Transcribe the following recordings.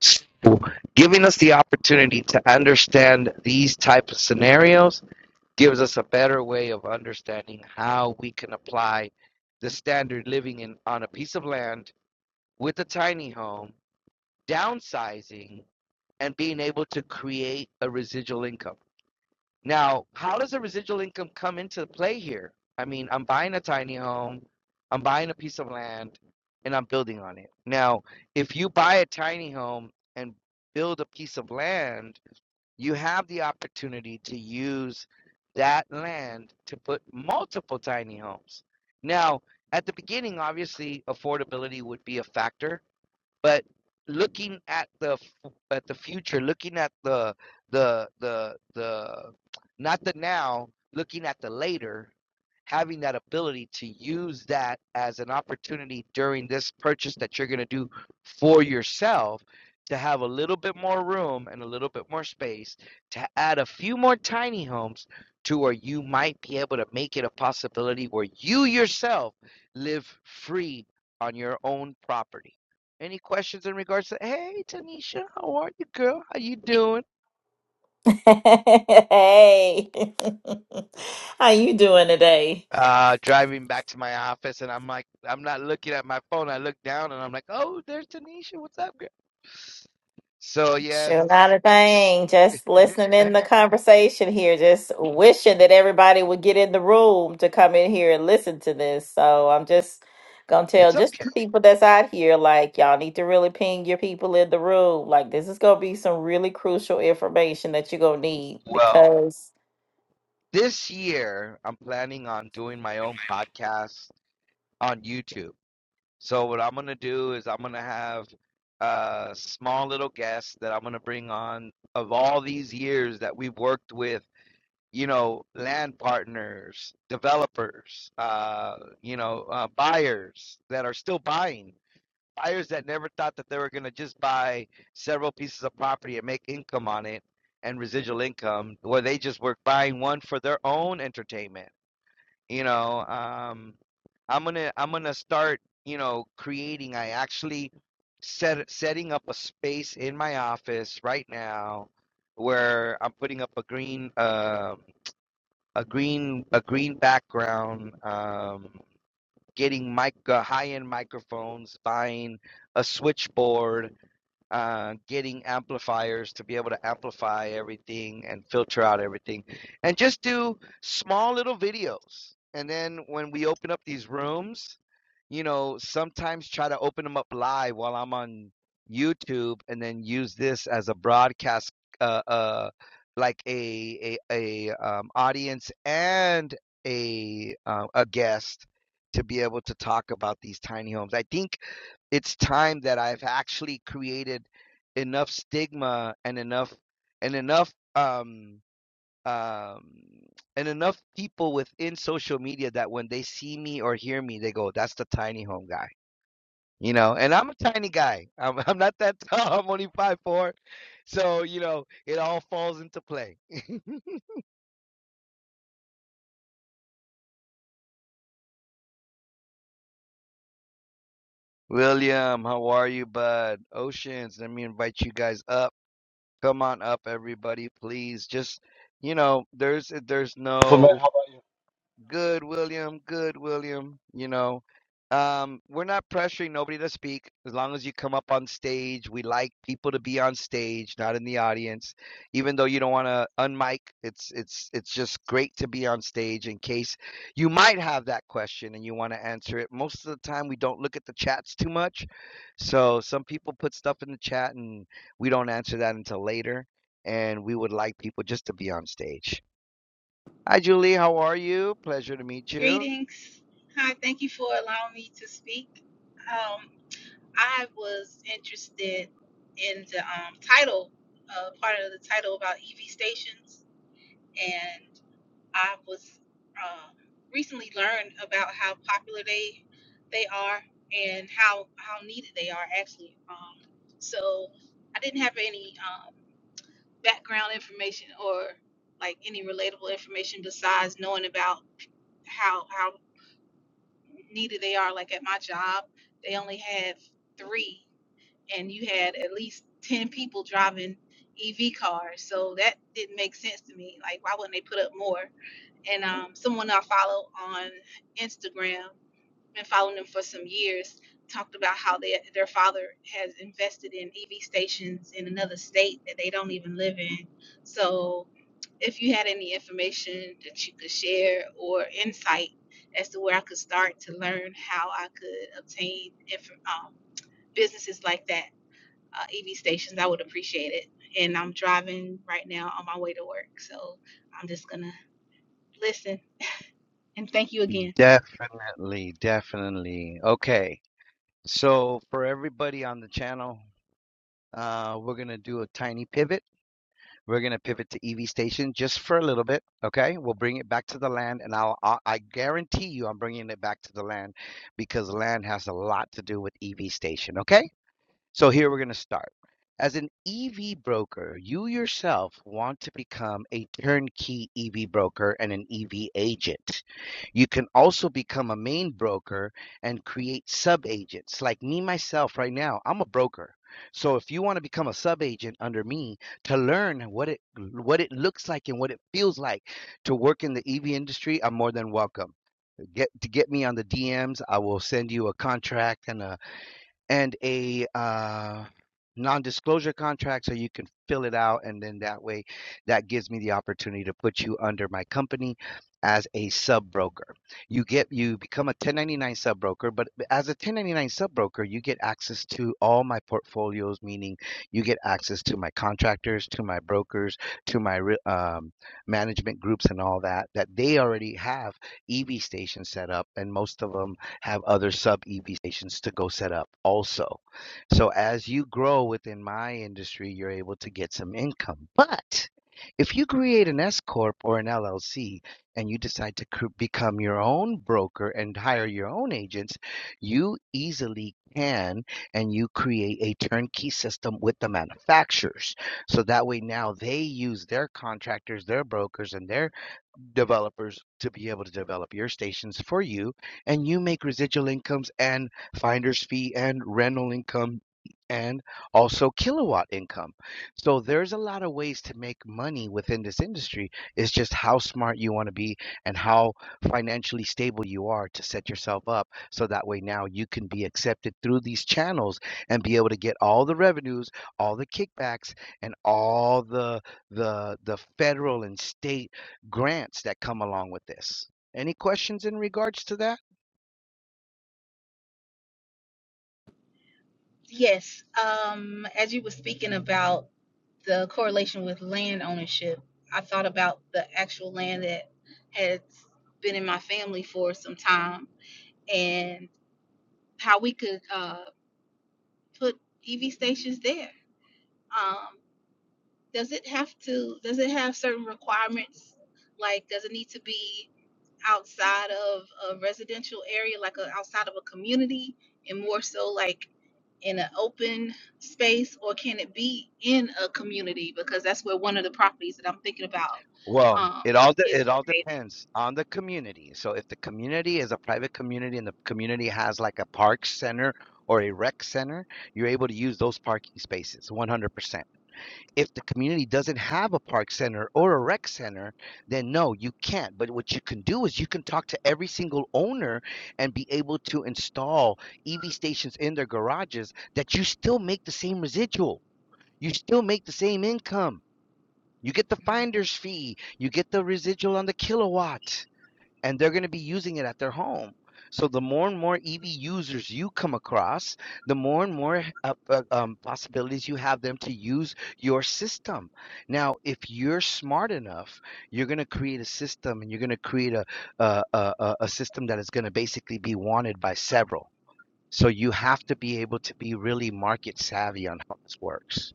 So giving us the opportunity to understand these type of scenarios gives us a better way of understanding how we can apply the standard living in on a piece of land with a tiny home, downsizing, and being able to create a residual income. Now, how does the residual income come into play here? I mean, I'm buying a tiny home, I'm buying a piece of land, and I'm building on it. Now, if you buy a tiny home and build a piece of land, you have the opportunity to use that land to put multiple tiny homes. Now, at the beginning, obviously, affordability would be a factor but looking at the at the future looking at the the the the not the now looking at the later having that ability to use that as an opportunity during this purchase that you're going to do for yourself to have a little bit more room and a little bit more space to add a few more tiny homes to where you might be able to make it a possibility where you yourself live free on your own property any questions in regards to, hey, Tanisha, how are you, girl? How you doing? Hey, how you doing today? Uh, driving back to my office, and I'm like, I'm not looking at my phone. I look down, and I'm like, oh, there's Tanisha. What's up, girl? So Sure, not yes, a thing. Just listening eh, in the conversation here. Just wishing that everybody would get in the room to come in here and listen to this. So I'm just gonna tell it's just okay. the people that's out here, like y'all need to really ping your people in the room. Like this is gonna be some really crucial information that you're gonna need Well, because. this year I'm planning on doing my own podcast on YouTube. So what I'm gonna do is I'm gonna have a small little guest that I'm gonna bring on of all these years that we've worked with you know, land partners, developers, uh, you know, uh, buyers that are still buying, buyers that never thought that they were going to just buy several pieces of property and make income on it and residual income, where they just were buying one for their own entertainment. You know, um, I'm gonna I'm gonna start, you know, creating. I actually set setting up a space in my office right now where I'm putting up a green. um a green a green background, um, getting mic uh, high end microphones, buying a switchboard, uh, getting amplifiers to be able to amplify everything and filter out everything and just do small little videos. And then when we open up these rooms, you know, sometimes try to open them up live while I'm on YouTube and then use this as a broadcast, uh, uh, like a, a, a um, audience and a, uh, a guest to be able to talk about these tiny homes. I think it's time that I've actually created enough stigma and enough and enough um um and enough people within social media that when they see me or hear me they go that's the tiny home guy you know and i'm a tiny guy i'm, I'm not that tall i'm only five four so you know it all falls into play william how are you bud oceans let me invite you guys up come on up everybody please just you know there's there's So, man, no how about Good, William. Good, William. You know, um, we're not pressuring nobody to speak. As long as you come up on stage, we like people to be on stage, not in the audience. Even though you don't want to unmic, it's it's it's just great to be on stage in case you might have that question and you want to answer it. Most of the time, we don't look at the chats too much, so some people put stuff in the chat and we don't answer that until later. And we would like people just to be on stage. Hi, Julie. How are you? Pleasure to meet you. Greetings. Hi, thank you for allowing me to speak. Um, I was interested in the um, title, uh, part of the title about EV stations, and I was um, recently learned about how popular they they are and how how needed they are actually. Um, so I didn't have any um, background information or like any relatable information besides knowing about how how needed they are. Like at my job, they only have three, and you had at least 10 people driving EV cars. So that didn't make sense to me. Like, why wouldn't they put up more? And um, someone I follow on Instagram, been following them for some years talked about how they, their father has invested in EV stations in another state that they don't even live in. So, if you had any information that you could share or insight as to where I could start to learn how I could obtain inf- um, businesses like that, uh, EV stations, I would appreciate it. And I'm driving right now on my way to work, so I'm just gonna listen. And thank you again. Definitely, definitely. Okay. So, for everybody on the channel, uh, we're going to do a tiny pivot. We're going to pivot to EV station just for a little bit. Okay. We'll bring it back to the land. And I'll, I, I guarantee you, I'm bringing it back to the land because land has a lot to do with EV station. Okay. So here we're going to start. As an EV broker, you yourself want to become a turnkey EV broker and an EV agent. You can also become a main broker and create sub agents. Like me, myself, right now, I'm a broker. So if you want to become a sub agent under me to learn what it what it looks like and what it feels like to work in the EV industry, I'm more than welcome. Get to get me on the DMs. I will send you a contract and a and a uh, non-disclosure contract so you can fill it out and then that way that gives me the opportunity to put you under my company as a sub broker you get you become a 1099 sub broker but as a 1099 sub broker you get access to all my portfolios meaning you get access to my contractors to my brokers to my um, management groups and all that that they already have ev stations set up and most of them have other sub EV stations to go set up also. So as you grow within my industry, you're able to get some income. But if you create an S corp or an LLC and you decide to become your own broker and hire your own agents, you easily can and you create a turnkey system with the manufacturers. So that way now they use their contractors, their brokers and their developers to be able to develop your stations for you, and you make residual incomes and finder's fee and rental income and also kilowatt income. So there's a lot of ways to make money within this industry. It's just how smart you want to be and how financially stable you are to set yourself up so that way now you can be accepted through these channels and be able to get all the revenues, all the kickbacks and all the the the federal and state grants that come along with this. Any questions in regards to that? Yes, um, as you were speaking about the correlation with land ownership, I thought about the actual land that has been in my family for some time and how we could uh, put EV stations there. Um, does it have to, does it have certain requirements? Like, does it need to be outside of a residential area, like a, outside of a community and more so like in an open space or can it be in a community? Because that's where one of the properties that I'm thinking about Well, um, it all de- is it all located. depends on the community. So if the community is a private community and the community has like a park center or a rec center, you're able to use those parking spaces 100%. If the community doesn't have a park center or a rec center, then no, you can't. But what you can do is you can talk to every single owner and be able to install EV stations in their garages that you still make the same residual You still make the same income. You get the finder's fee, you get the residual on the kilowatt, and they're going to be using it at their home. So the more and more EV users you come across, the more and more uh, uh, um, possibilities you have them to use your system. Now, if you're smart enough, you're going to create a system, and you're going to create a a, a a a system that is going to basically be wanted by several. So you have to be able to be really market savvy on how this works.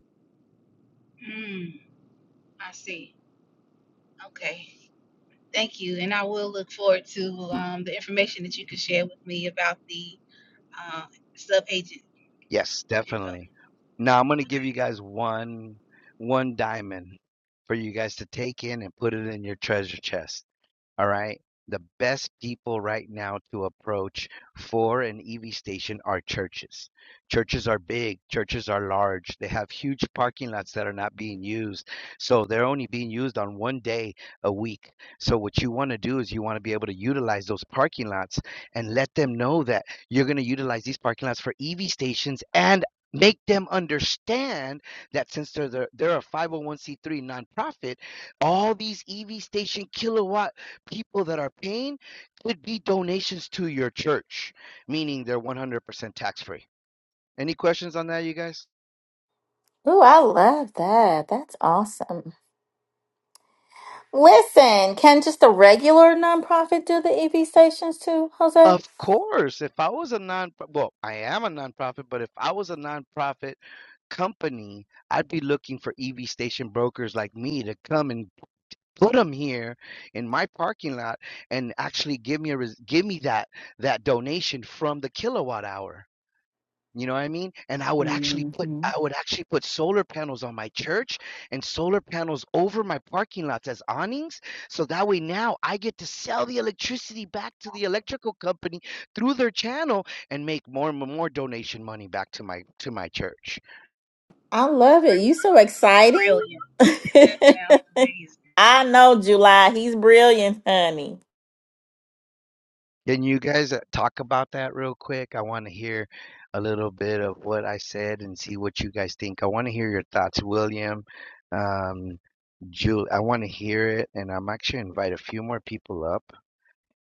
Mm, I see. Okay. Thank you. And I will look forward to um, the information that you can share with me about the uh, sub agent Yes, info. definitely. Now I'm gonna give you guys one one diamond for you guys to take in and put it in your treasure chest. All right. The best people right now to approach for an EV station are churches. Churches are big, churches are large. They have huge parking lots that are not being used. So they're only being used on one day a week. So what you want to do is you want to be able to utilize those parking lots and let them know that you're going to utilize these parking lots for EV stations and make them understand that since they're the, they're a 501c3 nonprofit all these EV station kilowatt people that are paying could be donations to your church, meaning they're 100% tax free. Any questions on that, you guys? Ooh, I love that. That's awesome. Listen, can just a regular nonprofit do the EV stations too, Jose? Of course, if I was a non well, I am a nonprofit, but if I was a nonprofit company, I'd be looking for EV station brokers like me to come and put them here in my parking lot and actually give me a res- give me that that donation from the kilowatt hour. You know what I mean? And I would actually put hmm I would actually put solar panels on my church and solar panels over my parking lots as awnings. So that way now I get to sell the electricity back to the electrical company through their channel and make more and more donation money back to my to my church. I love it. Really You so Brilliant. exciting. That sounds amazing. I know July. He's brilliant, honey. Can you guys uh, talk about that real quick? I want to hear a little bit of what I said and see what you guys think. I want to hear your thoughts, William, um, Jul. I want to hear it, and I'm actually invite a few more people up.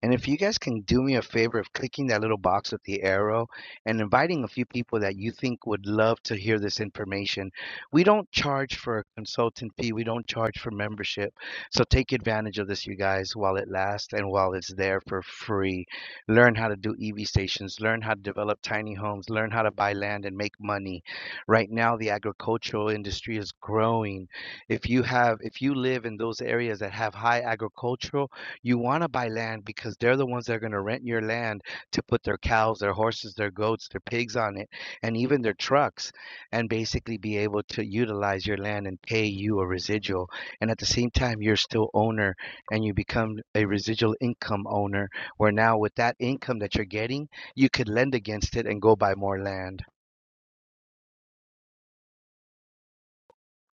And if you guys can do me a favor of clicking that little box with the arrow and inviting a few people that you think would love to hear this information, we don't charge for a consultant fee, we don't charge for membership. So take advantage of this, you guys, while it lasts and while it's there for free. Learn how to do EV stations, learn how to develop tiny homes, learn how to buy land and make money. Right now, the agricultural industry is growing. If you have, if you live in those areas that have high agricultural, you want to buy land because they're the ones that are going to rent your land to put their cows, their horses, their goats, their pigs on it, and even their trucks, and basically be able to utilize your land and pay you a residual. And at the same time, you're still owner and you become a residual income owner, where now with that income that you're getting, you could lend against it and go buy more land.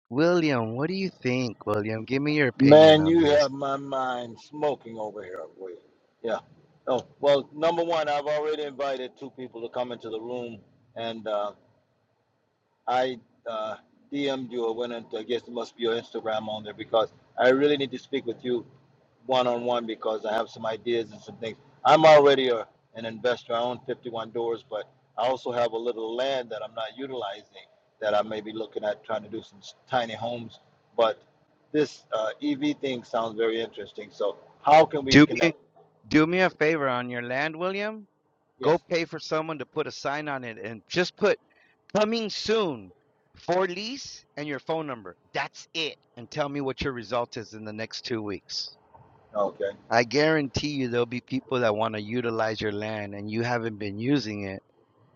William, what do you think? William, give me your you? opinion Man, on you this. have my mind smoking over here, Will. Yeah. Oh, well, number one, I've already invited two people to come into the room, and uh, I uh, DM'd you or went into, I guess it must be your Instagram on there because I really need to speak with you one on one because I have some ideas and some things. I'm already a, an investor. I own 51 doors, but I also have a little land that I'm not utilizing that I may be looking at trying to do some s- tiny homes. But this uh, EV thing sounds very interesting. So how can we Do me connect? do me a favor on your land, William. Yes. Go pay for someone to put a sign on it and just put coming soon for lease and your phone number. That's it. And tell me what your result is in the next two weeks. Okay. I guarantee you there'll be people that want to utilize your land and you haven't been using it.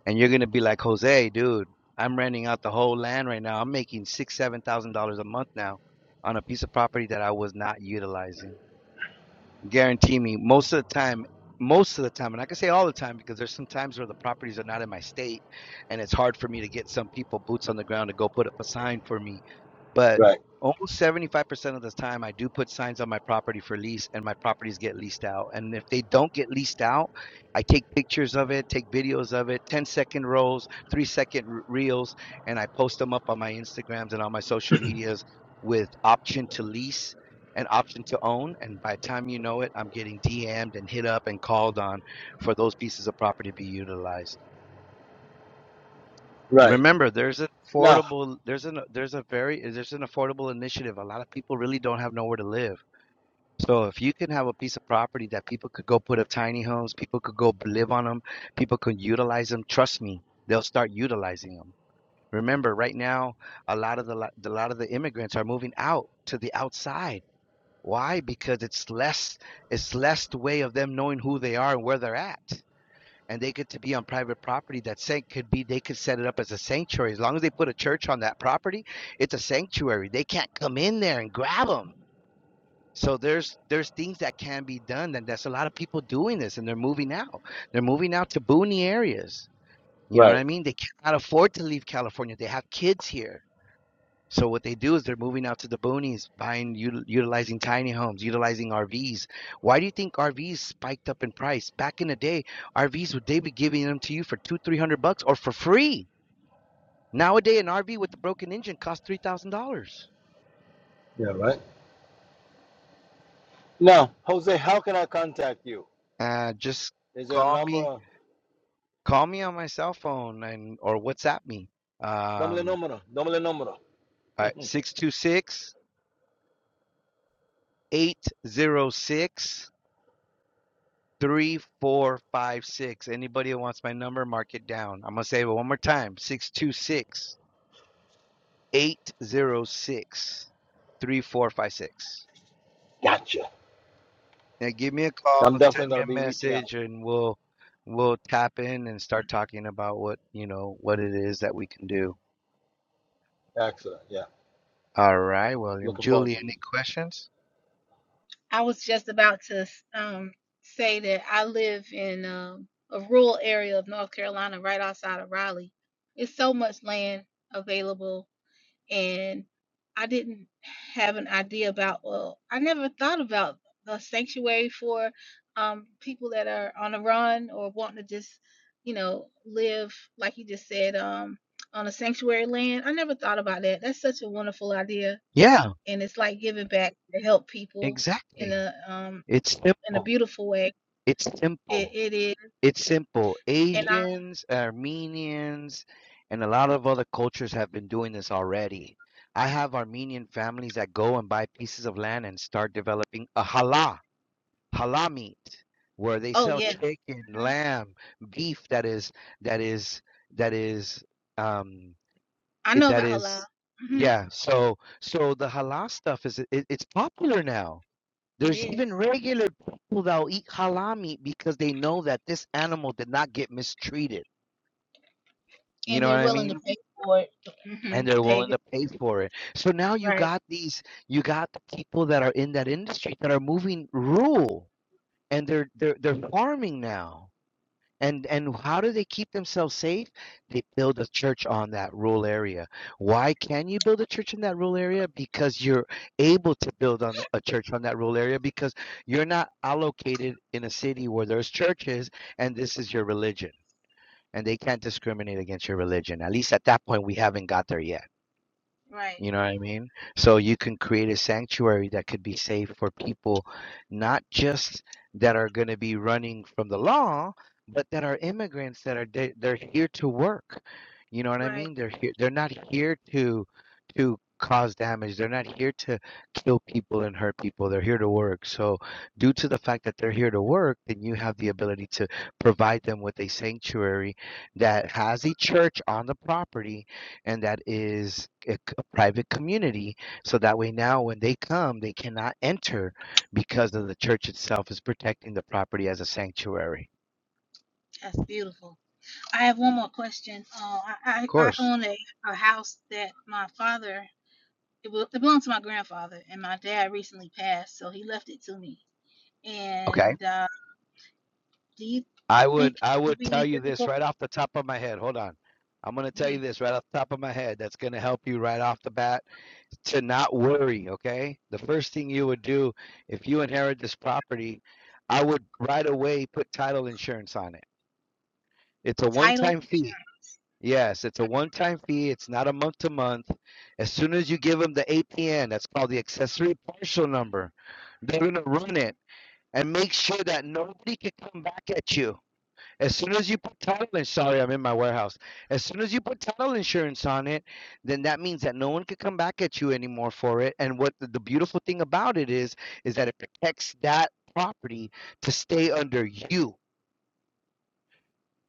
And you're gonna be like, Jose, dude, I'm renting out the whole land right now. I'm making six, seven thousand dollars a month now on a piece of property that I was not utilizing guarantee me most of the time most of the time and i can say all the time because there's some times where the properties are not in my state and it's hard for me to get some people boots on the ground to go put up a sign for me but Right. almost 75% of the time i do put signs on my property for lease and my properties get leased out and if they don't get leased out i take pictures of it take videos of it 10 second rolls 3 second reels and i post them up on my instagrams and on my social medias with option to lease an option to own. And by the time you know it, I'm getting DM'd and hit up and called on for those pieces of property to be utilized. Right. Remember, there's an Now. affordable, there's an, there's a very, there's an affordable initiative. A lot of people really don't have nowhere to live. So if you can have a piece of property that people could go put up tiny homes, people could go live on them, people could utilize them. Trust me, they'll start utilizing them. Remember, right now, a lot of the, a lot of the immigrants are moving out to the outside Why? Because it's less it's less the way of them knowing who they are and where they're at. And they get to be on private property that sanct could be they could set it up as a sanctuary. As long as they put a church on that property, it's a sanctuary. They can't come in there and grab them. So there's there's things that can be done, and there's a lot of people doing this, and they're moving out. They're moving out to boony areas. You know what Right. I mean? They cannot afford to leave California. They have kids here so what they do is they're moving out to the boonies, buying, util- utilizing tiny homes, utilizing RVs. Why do you think RVs spiked up in price? Back in the day, RVs would they be giving them to you for two, three hundred bucks or for free? Nowadays, an RV with a broken engine costs three thousand dollars. Yeah. Right. Now, Jose, how can I contact you? Uh, just Is there a call me, number? call me on my cell phone and or WhatsApp me. Number, Um, number, number, number. six two six eight zero six. three, four, five, six. Anybody that wants my number, mark it down. I'm gonna say it one more time: six two six eight zero six three four five six. Gotcha. Now give me a call, I'm send definitely me going to be a reaching out. message, and we'll we'll tap in and start talking about what you know what it is that we can do. Excellent. Yeah. All right, William, Looking forward Julie, to any it. questions? I was just about to um, say that I live in um, a rural area of North Carolina, right outside of Raleigh. It's so much land available, and I didn't have an idea about. Well, I never thought about the sanctuary for um, people that are on the run or wanting to just, you know, live like you just said um, on a sanctuary land. I never thought about that. That's such a wonderful idea Yeah, and it's like giving back to help people in exactly. a um It's in a simple. beautiful way. It's simple. It it is, It's simple. and I Asians, Armenians, and a lot of other cultures have been doing this already. I have Armenian families that go and buy pieces of land and start developing a halal, halal meat, where they oh sell yes, chicken, hmm lamb, beef that is that is that is um I it, know that about halal. is hmm yeah. So so the halal stuff is it, it's popular now. It There's is, even regular people that'll eat halal meat because they know that this animal did not get mistreated. You and know they're what I willing to mean? pay for it. hmm And they're Pay willing good. to pay for it. So now you right, got these, you got the people that are in that industry that are moving rural and they're they're they're farming now. And and how do they keep themselves safe? They build a church on that rural area. Why can you build a church in that rural area? Because you're able to build on a church on that rural area because you're not allocated in a city where there's churches and this is your religion. And they can't discriminate against your religion. At least at that point, we haven't got there yet. right, You know what I mean? So you can create a sanctuary that could be safe for people, not just that are going to be running from the law, but that are immigrants that are they, they're here to work. You know what I right. mean? They're here. They're not here to to cause damage. They're not here to kill people and hurt people. They're here to work. So, due to the fact that they're here to work, then you have the ability to provide them with a sanctuary that has a church on the property and that is a, c- a private community. So that way, now when they come, they cannot enter because of the church itself is protecting the property as a sanctuary. That's beautiful. I have one more question. Uh, Of I I, I course. own a, a house that my father it, bel it belonged to my grandfather, and my dad recently passed, so he left it to me. Okay, And uh, do you I would think it I would would tell be you this difficult? right off the top of my head. Hold on, I'm gonna mm-hmm, tell you this right off the top of my head. That's gonna help you right off the bat to not worry. Okay, the first thing you would do if you inherit this property, I would right away put title insurance on it. It's a Title one-time fee insurance. Yes, it's a one-time fee. It's not a month-to-month. As soon as you give them the APN, that's called the accessory partial number, they're gonna run it and make sure that nobody can come back at you. As soon as you put title insurance, sorry, I'm in my warehouse. As soon as you put title insurance on it, then that means that no one can come back at you anymore for it. And what the, the beautiful thing about it is, is that it protects that property to stay under you.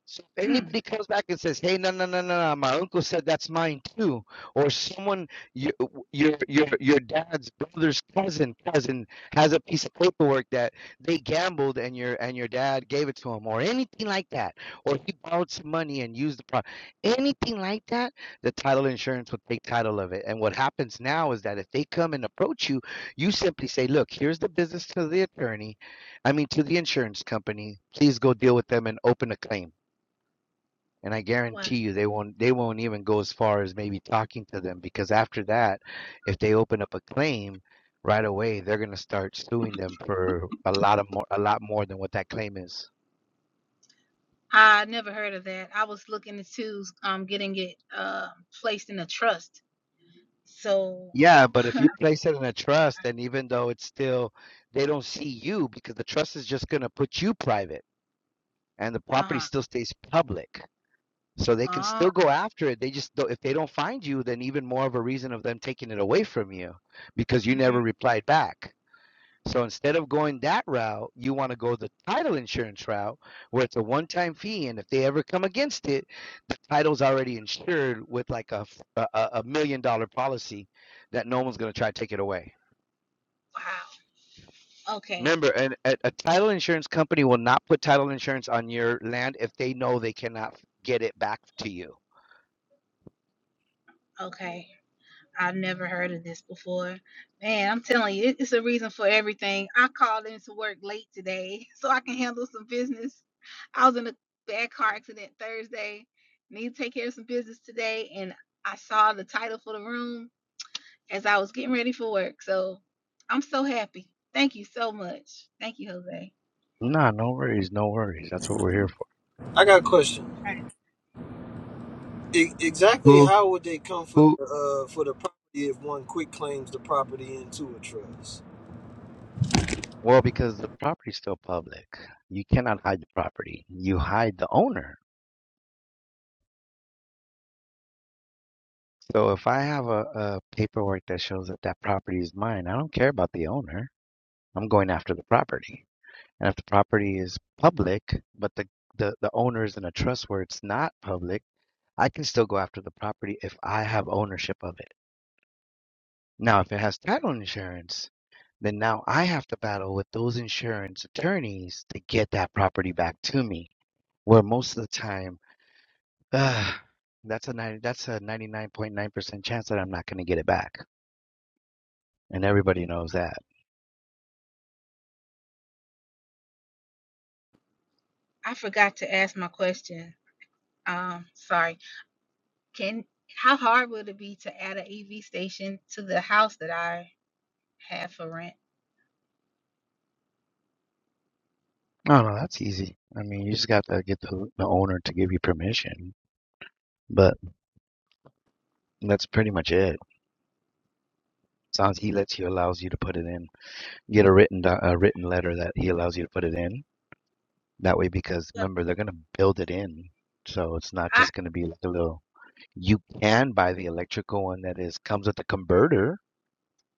So if Mm, anybody comes back and says, "Hey, no, no, no, no, no, my uncle said that's mine too," or someone your your your your dad's brother's cousin cousin has a piece of paperwork that they gambled and your and your dad gave it to him, or anything like that, or he borrowed some money and used the pro, anything like that, the title insurance will take title of it. And what happens now is that if they come and approach you, you simply say, "Look, here's the business to the attorney, I mean to the insurance company. Please go deal with them and open a claim." and I wow. guarantee you they won't they won't even go as far as maybe talking to them because after that, if they open up a claim right away, they're gonna start suing them for a lot of more a lot more than what that claim is. I never heard of that. I was looking into um getting it uh, placed in a trust. So, Yeah, but if you place it in a trust, and even though it's still they don't see you because the trust is just gonna put you private and the property uh-huh. still stays public. So they can Uh, still go after it. They just don't, if they don't find you, then even more of a reason of them taking it away from you because you mhm. never replied back. So instead of going that route, you want to go the title insurance route where it's a one time fee. And if they ever come against it, the title's already insured with like a a a, a- a million dollar policy that no one's going to try to take it away. Wow. Okay. Remember, and a, a title insurance company will not put title insurance on your land if they know they cannot get it back to you. Okay. I've never heard of this before. Man, I'm telling you, it- it's a reason for everything. I called into work late today so I can handle some business. I was in a bad car accident Thursday. Need to take care of some business today, and I saw the title for the room as I was getting ready for work. So I'm so happy. Thank you so much. Thank you, Jose. Nah, no worries, no worries. That's what we're here for. I got a question. I, E- exactly Who how would they come for who the uh, for the property if one quick claims the property into a trust? Well, because the property's still public. You cannot hide the property. You hide the owner. So if I have a, a paperwork that shows that that property is mine, I don't care about the owner. I'm going after the property. And if the property is public, but the, the, the owner is in a trust where it's not public, I can still go after the property if I have ownership of it. Now, if it has title insurance, then now I have to battle with those insurance attorneys to get that property back to me. Where most of the time, uh, that's a 90, that's a 99.9% chance that I'm not going to get it back. and everybody knows that. I forgot to ask my question. Um, sorry. Can how hard would it be to add an EV station to the house that I have for rent? No, no, that's easy. I mean, you just got to get the, the owner to give you permission, but that's pretty much it. As he lets you, allows you to put it in, get a written do- a written letter that he allows you to put it in. That way, because Well, remember, they're gonna build it in, so it's not I, just gonna be like a little. You can buy the electrical one that is comes with the converter,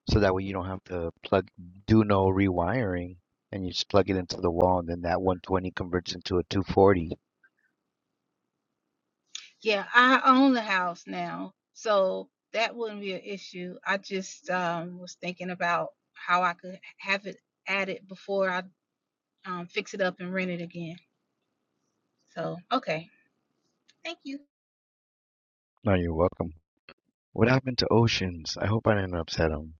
so that way you don't have to plug, do no rewiring, and you just plug it into the wall, and then that 120 converts into a 240. yeah, I own the house now, so that wouldn't be an issue. I just um, was thinking about how I could have it added before I um, fix it up and rent it again. So okay, thank you. No, you're welcome. What happened to Oceans? I hope I didn't upset him.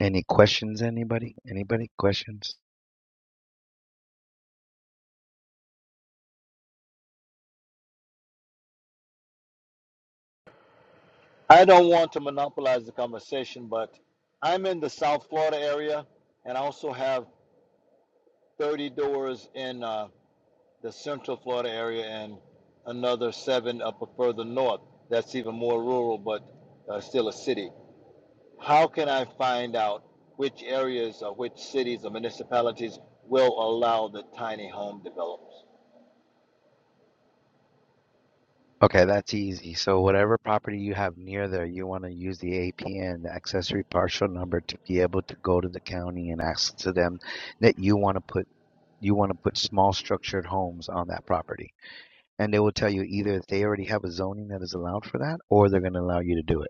Any questions, anybody? Anybody? Questions? I don't want to monopolize the conversation, but I'm in the South Florida area, and I also have 30 doors in uh, the Central Florida area and another seven up a further north. That's even more rural, but uh, still a city. How can I find out which areas or which cities or municipalities will allow the tiny home developments? Okay, that's easy. So, whatever property you have near there, you want to use the APN, the accessory partial number, to be able to go to the county and ask to them that you want to put you want to put small structured homes on that property. And they will tell you either if they already have a zoning that is allowed for that or they're going to allow you to do it.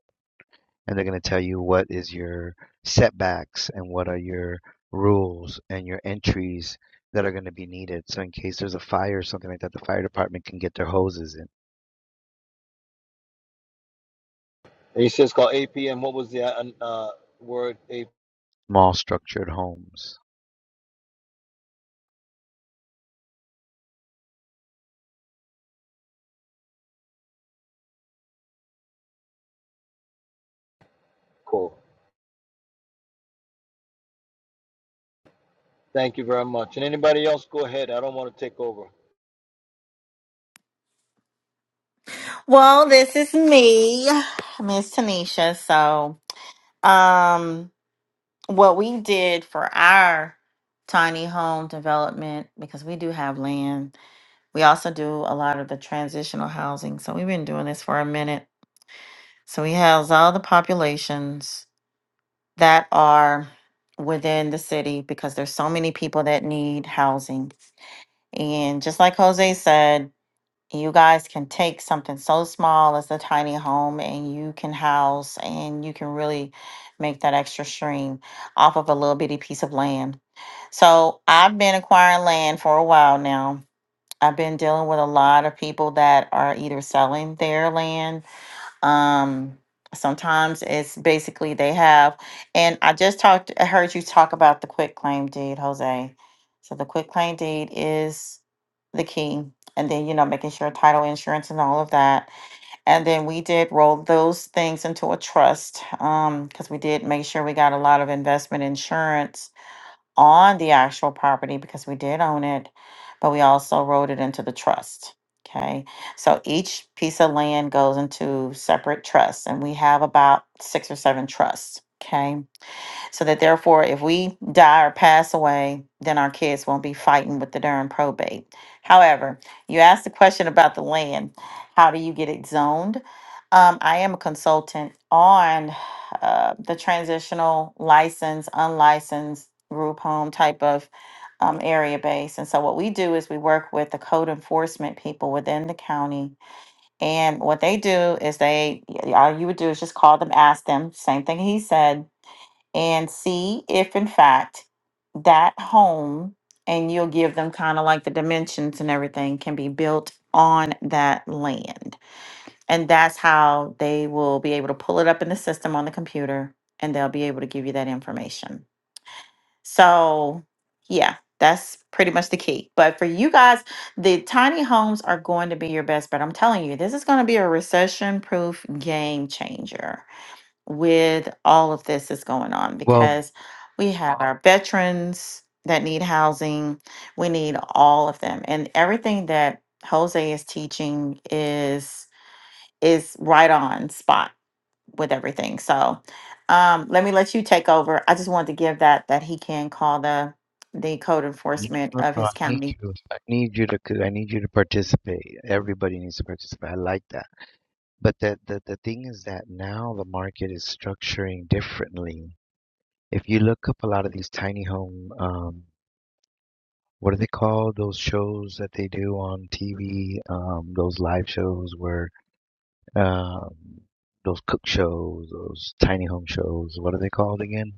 and they're going to tell you what is your setbacks and what are your rules and your entries that are going to be needed. So in case there's a fire or something like that, the fire department can get their hoses in And you said it's called APM. What was the uh, uh, word? small structured homes. APM? Thank you very much. And anybody else, go ahead. I don't want to take over. Well, this is me, Miss Tanisha. So. Um, what we did for our tiny home development, because we do have land, we also do a lot of the transitional housing. So we've been doing this for a minute. So we house all the populations that are within the city because there's so many people that need housing. And just like Jose said, you guys can take something so small as a tiny home and you can house and you can really make that extra stream off of a little bitty piece of land. So I've been acquiring land for a while now. I've been dealing with a lot of people that are either selling their land um sometimes it's basically they have and i just talked i heard you talk about the quick claim deed jose so the quick claim deed is the key and then you know making sure title insurance and all of that and then we did roll those things into a trust um because we did make sure we got a lot of investment insurance on the actual property because we did own it, but we also wrote it into the trust. Okay. So each piece of land goes into separate trusts, and we have about six or seven trusts. Okay so that therefore if we die or pass away then our kids won't be fighting with the darn probate however you asked the question about the land how do you get it zoned um, i am a consultant on uh, the transitional license unlicensed group home type of um, area base and so what we do is we work with the code enforcement people within the county and what they do is they all you would do is just call them ask them same thing he said and see if in fact that home and you'll give them kind of like the dimensions and everything can be built on that land and that's how they will be able to pull it up in the system on the computer and they'll be able to give you that information so yeah that's pretty much the key but for you guys the tiny homes are going to be your best bet i'm telling you this is going to be a recession proof game changer with all of this that's going on Well, because we have our veterans that need housing. We need all of them. And everything that Jose is teaching is is right on spot with everything. So um, let me let you take over. I just wanted to give that that he can call the the code enforcement of I his need county. you. I need you to. I need you to participate. Everybody needs to participate. I like that. But the, the the thing is that now the market is structuring differently. If you look up a lot of these tiny home um, what do they call Those shows that they do on TV, um, those live shows where, um, those cook shows, those tiny home shows. What are they called again?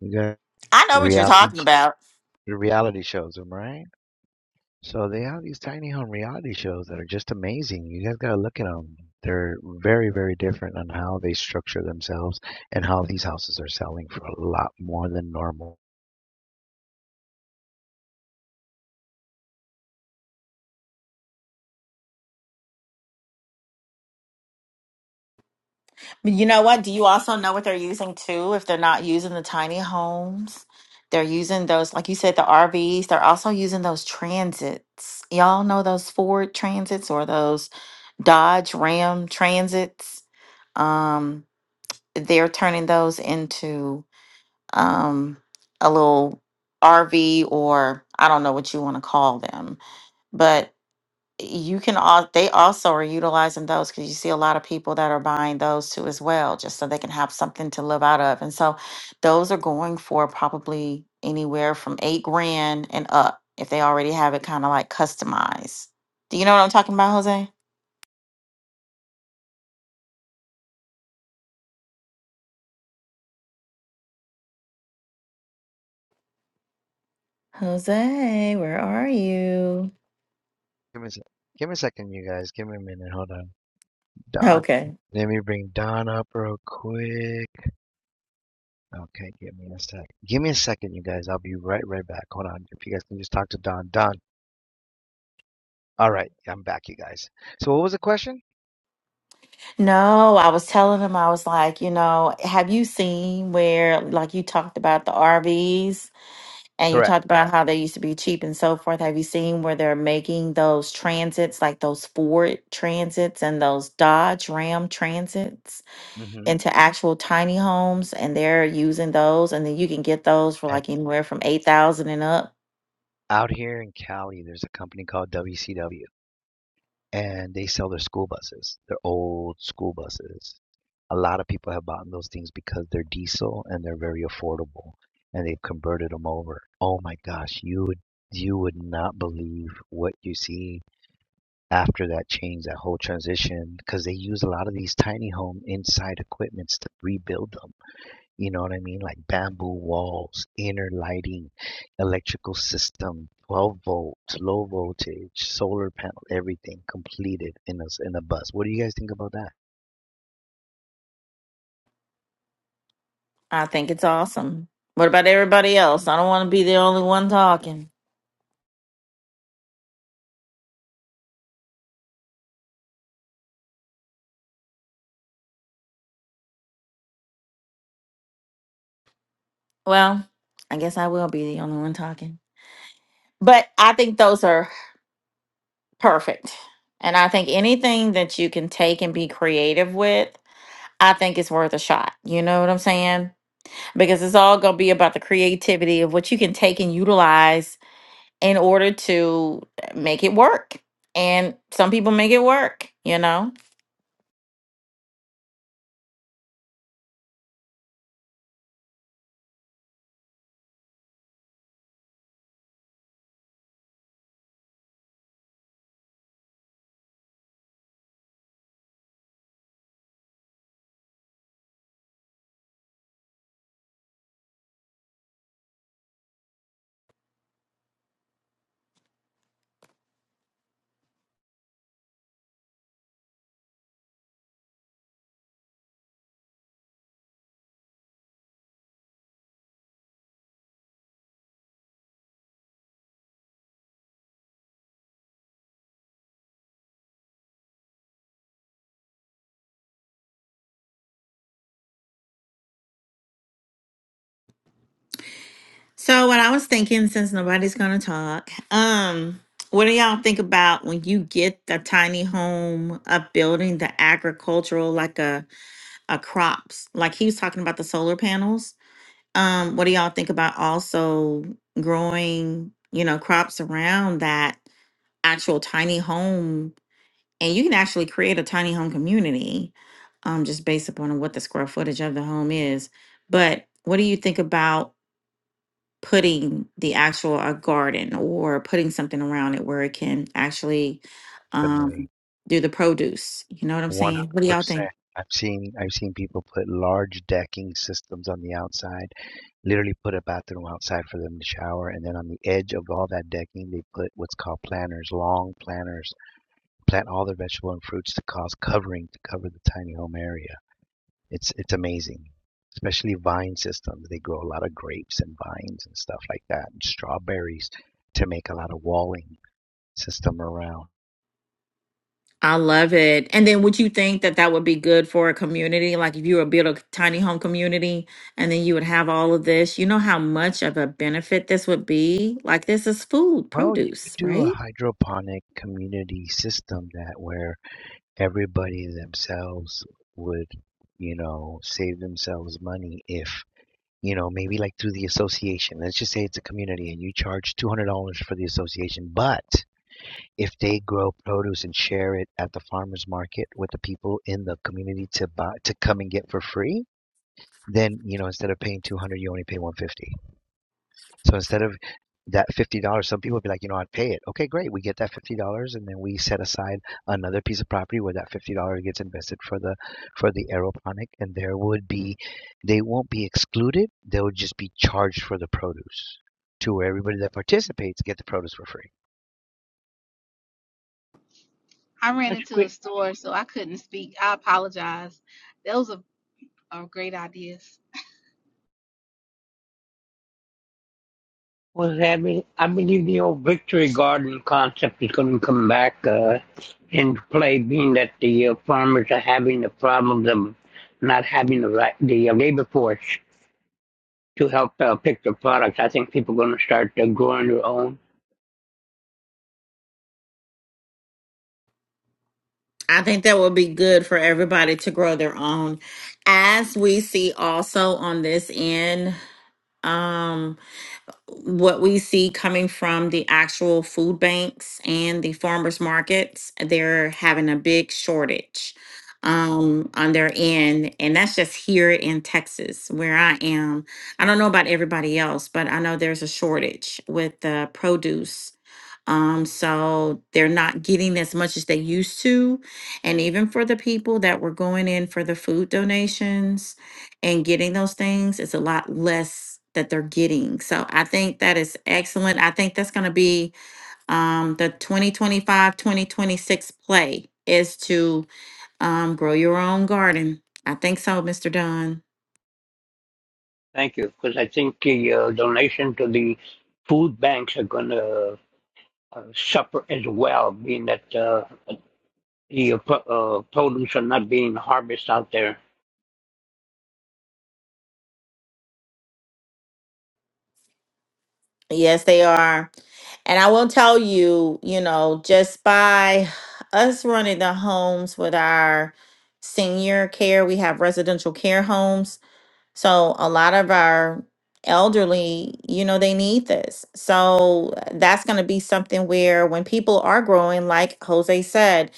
You got I know what you're reality, talking sh- about. reality shows, am I right? So they have these tiny home reality shows that are just amazing. You guys gotta look at them. They're very, very different on how they structure themselves and how these houses are selling for a lot more than normal. You know what? Do you also know what they're using too? If they're not using the tiny homes, they're using those, like you said, the RVs. They're also using those transits. Y'all know those Ford transits or those Dodge Ram transits. Um, they're turning those into um, a little RV or I don't know what you want to call them, but you can all they also are utilizing those because you see a lot of people that are buying those too as well just so they can have something to live out of and so those are going for probably anywhere from eight grand and up if they already have it kind of like customized do you know what i'm talking about jose jose where are you Give me a, sec- give me a second, you guys. Give me a minute. Hold on. Don. okay Let me bring Don up real quick. Okay, give me a sec. Give me a second, you guys. I'll be right right back. Hold on. If you guys can just talk to Don. Don. All right, I'm back, you guys. So what was the question? no i was telling him i was like you know have you seen where like you talked about the rvs And you Correct. talked about how they used to be cheap and so forth. Have you seen where they're making those transits, like those Ford transits and those Dodge Ram transits, hmm into actual tiny homes? And they're using those, and then you can get those for like anywhere from eight thousand and up. out here in Cali, there's a company called WCW. and they sell their school buses, their old school buses. A lot of people have bought those things because they're diesel and they're very affordable, and they've converted them over. Oh my gosh, you would you would not believe what you see after that change, that whole transition, because they use a lot of these tiny home inside equipments to rebuild them you know what I mean? Like bamboo walls, inner lighting, electrical system, 12 volts, low voltage, solar panel, everything completed in a s- in a bus. What do you guys think about that? I think it's awesome. What about everybody else? I don't want to be the only one talking. Well, I guess I will be the only one talking. But I think those are perfect. And I think anything that you can take and be creative with I think it's worth a shot. You know what I'm saying? Because it's all going to be about the creativity of what you can take and utilize in order to make it work. And some people make it work, you know? So what I was thinking since nobody's going to talk, um what do y'all think about when you get the tiny home a building the agricultural like a a crops? Like he was talking about the solar panels Um, what do y'all think about also growing, you know, crops around that actual tiny home? And you can actually create a tiny home community, um, just based upon what the square footage of the home is. But what do you think about putting the actual a garden or putting something around it where it can actually um, Definitely, do the produce? You know what I'm saying? What do y'all think? 100%. I've seen I've seen people put large decking systems on the outside, literally put a bathroom outside for them to shower, and then on the edge of all that decking, they put what's called planters, long planters, plant all their vegetable and fruits to cause covering to cover the tiny home area It's it's amazing, especially vine systems. They grow a lot of grapes and vines and stuff like that, and strawberries to make a lot of walling system around. I love it. And then would you think that that would be good for a community? Like if you were build a tiny home community and then you would have all of this, you know how much of a benefit this would be? Like this is food, Well, you could produce, do a right? hydroponic community system that where everybody themselves would, you know, save themselves money if, you know, maybe like through the association. Let's just say it's a community and you charge $200 for the association, but if they grow produce and share it at the farmers market with the people in the community to buy to come and get for free then you know instead of paying 200 you only pay 150 so instead of that $50 some people would be like you know i'd pay it okay great we get that $50 and then we set aside another piece of property where that $50 gets invested for the for the aeroponic and there would be they won't be excluded they'll just be charged for the produce to where everybody that participates get the produce for free I ran into a Earthquake store, so I couldn't speak. I apologize. Those are, are great ideas. was having, I believe the old Victory Garden concept is going to come back uh, into play, being that the uh, farmers are having the problems of not having the right, the uh, labor force to help uh, pick their products. I think people are going to start uh, growing their own. I think that would be good for everybody to grow their own. As we see also on this end, what we see coming from the actual food banks and the farmers markets, they're having a big shortage um, on their end. And that's just here in Texas where I am. I don't know about everybody else, but I know there's a shortage with the produce. Um, so they're not getting as much as they used to. And even for the people that were going in for the food donations, and getting those things it's a lot less that they're getting so i think that is excellent i think that's going to be um, the 2025 2026 play is to um, grow your own garden i think so mr dunn Thank you, because I think the uh, donation to the food banks are going to uh, suffer as well, being that uh, the uh, pro- uh, produce are not being harvested out there yes they are and i will tell you you know just by us running the homes with our senior care we have residential care homes So a lot of our elderly, you know, they need this. So uh, that's going to be something where when people are growing, like Jose said,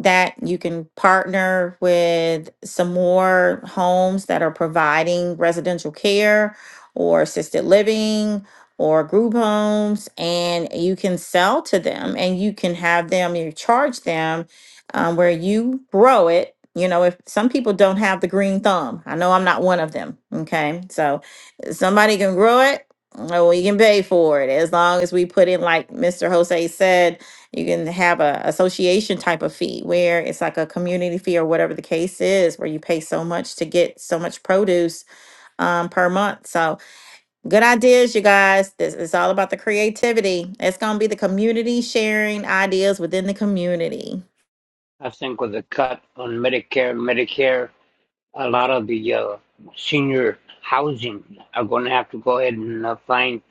that you can partner with some more homes that are providing residential care or assisted living or group homes and you can sell to them and you can have them you charge them um, where you grow it. You know, if some people don't have the green thumb, I know I'm not one of them. Okay. So if somebody can grow it. uh, We can pay for it as long as we put in, like Mr. Jose said, you can have a association type of fee where it's like a community fee or whatever the case is, where you pay so much to get so much produce um, per month. So good ideas, you guys. This is all about the creativity. It's gonna be the community sharing ideas within the community. I think with the cut on Medicare, Medicare, a lot of the uh, senior housing are going to have to go ahead and uh, find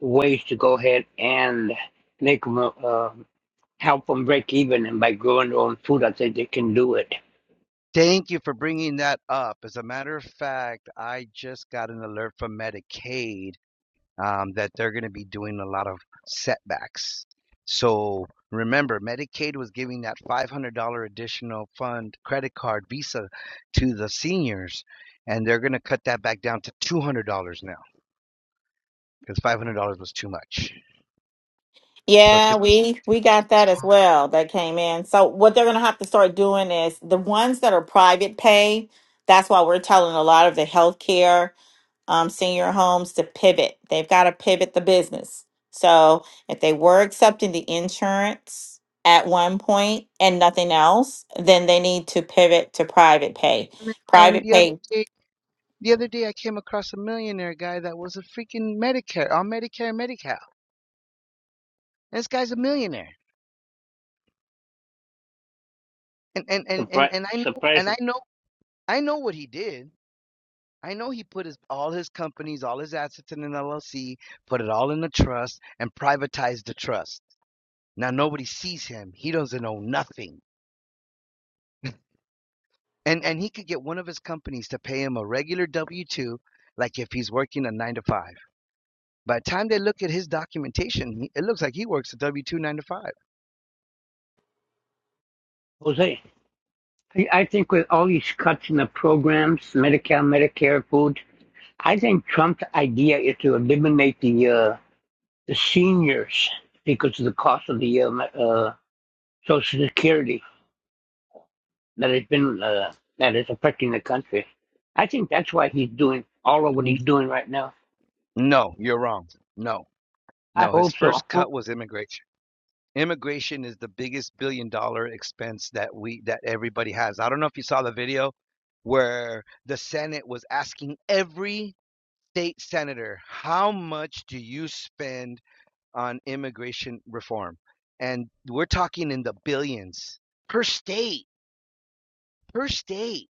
ways to go ahead and make them uh, help them break even. And by growing their own food, I think they can do it. Thank you for bringing that up. As a matter of fact, I just got an alert from Medicaid um, that they're going to be doing a lot of setbacks. So remember, Medicaid was giving that $500 additional fund credit card visa to the seniors, and they're going to cut that back down to $200 now because $500 was too much. So it's Yeah, good. we we got that as well that came in. So what they're going to have to start doing is the ones that are private pay, that's why we're telling a lot of the healthcare um senior homes to pivot. They've got to pivot the business. So if they were accepting the insurance at one point and nothing else, then they need to pivot to private pay. And Private the other pay day, the other day I came across a millionaire guy that was a freaking Medicare on Medicare and Medi-Cal. This guy's a millionaire and and and and, Surprise, and I know surprise, and I know I know what he did. I know he put his all his companies, all his assets in an LLC, put it all in a trust, and privatized the trust. Now nobody sees him. He doesn't own nothing. And and he could get one of his companies to pay him a regular W two, like if he's working a nine to five. By the time they look at his documentation, he- it looks like he works a W two nine to five. Jose. I I think with all these cuts in the programs, Medicare, Medicare, food, I think Trump's idea is to eliminate the uh, the seniors because of the cost of the uh, Social Security that has been uh, that is affecting the country. I think that's why he's doing all of what N- he's doing right now. No, you're wrong. No, I no. His hope so. first cut was immigration. immigration is the biggest billion dollar expense that we that everybody has. I don't know if you saw the video where the Senate was asking every state senator, how much do you spend on immigration reform? And we're talking in the billions per state, per state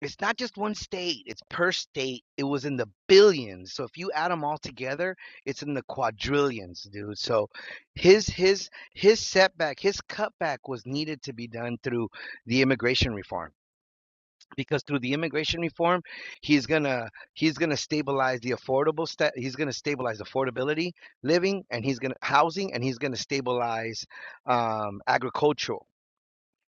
it's not just one state it's per state it was in the billions so if you add them all together it's in the quadrillions dude so his his his setback his cutback was needed to be done through the immigration reform because through the immigration reform he's gonna he's gonna stabilize the affordable sta- he's gonna stabilize affordability living and he's gonna housing and he's gonna stabilize um, agricultural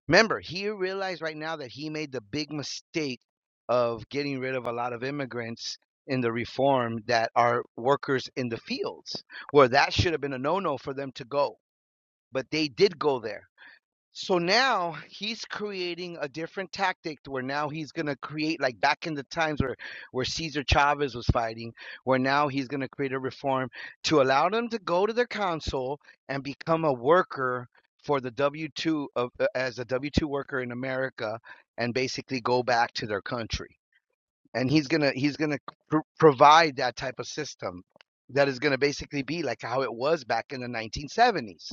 Remember, he realized right now that he made the big mistake of getting rid of a lot of immigrants in the reform that are workers in the fields, where that should have been a no no for them to go. But they did go there so now he's creating a different tactic to where now he's going to create like back in the times where where Cesar Chavez was fighting, where now he's going to create a reform to allow them to go to their council and become a worker for the W2 of uh, as a W2 worker in America and basically go back to their country. And he's going to he's going to pr- provide that type of system that is going to basically be like how it was back in the 1970s.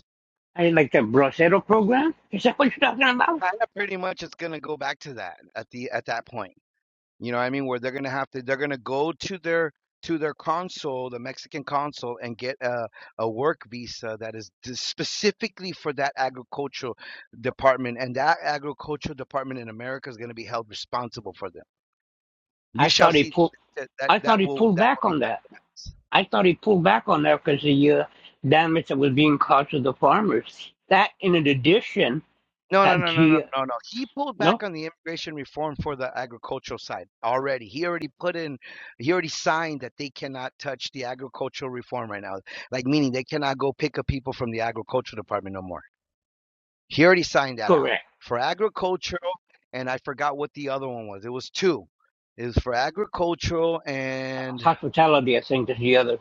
I like the Bracero program. Is that what you're talking about? kind of pretty much it's going to go back to that at the at that point you know what i mean where they're going to have to they're going to go to their to their consul the mexican consul and get a, a work visa that is d- specifically for that agricultural department and that agricultural department in america is going to be held responsible for them you I shall thought he see pulled. that that, I thought that he will pulled that will back be on done that. I thought he pulled back on that because the uh, damage that was being caused to the farmers. That, in addition, No, no, that no, no, no, he no, no. He pulled no back on the immigration reform for the agricultural side already. He already put in, he already signed that they cannot touch the agricultural reform right now. Like, meaning they cannot go pick up people from the agricultural department no more. He already signed that out correct for agricultural, and I forgot what the other one was. It was two. It was for agricultural, and hospitality. I think is the other.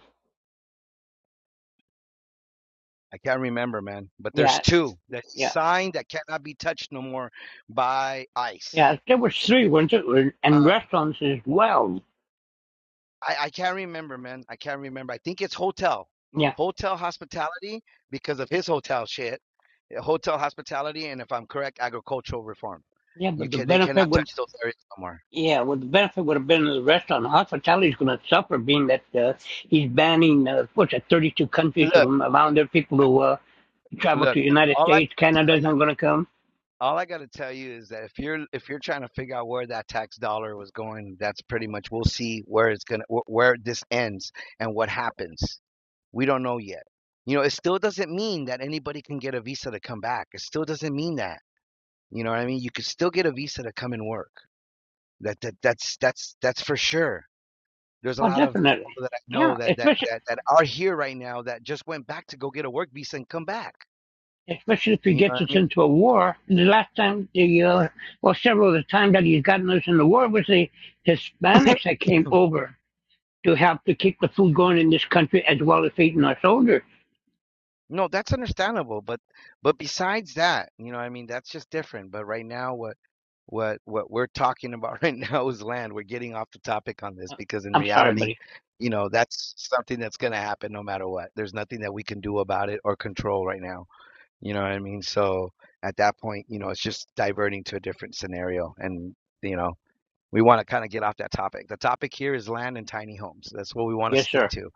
I can't remember, man. But there's Yes, two that he yes, signed that cannot be touched no more by ICE. yes. There was three, weren't it? And restaurants as well. I, I can't remember, man. I can't remember. I think it's hotel, Yeah, hotel hospitality because of his hotel shit, Yeah, hotel hospitality, and if I'm correct, agricultural reform. yeah, You but the can they benefit cannot would touch those areas anymore. yeah, well, the benefit would have been to the restaurant. Hospitality is going to suffer, being that uh, he's banning uh, what's that, 32 countries Look, from allowing their people to uh, travel to look. the United All I States. gotta Canada's tell you, not going to come. all I gotta tell you is that if you're if you're trying to figure out where that tax dollar was going, that's pretty much we'll see where it's gonna wh- where this ends and what happens. We don't know yet. You know, it still doesn't mean that anybody can get a visa to come back. It still doesn't mean that You know what I mean? You could still get a visa to come and work. That that that's that's that's for sure. There's a Well, lot of people definitely, that I yeah, know that that especially. that that are here right now that just went back to go get a work visa and come back. Especially if he You know gets what I us mean? into a war. The last time, the uh, well, several of the times that he's gotten us in the war was the Hispanics that came over to help to keep the food going in this country as well as feeding our soldiers. No, that's understandable, but but besides that, you know what I mean, that's just different. But right now what what what we're talking about right now is land. We're getting off the topic on this because in I'm sorry, reality, buddy. you know, that's something that's going to happen no matter what. There's nothing that we can do about it or control right now You know what I mean? So at that point, you know, it's just diverting to a different scenario. And, you know, we want to kind of get off that topic. The topic here is land and tiny homes. That's what we want to Yes, stick sir. to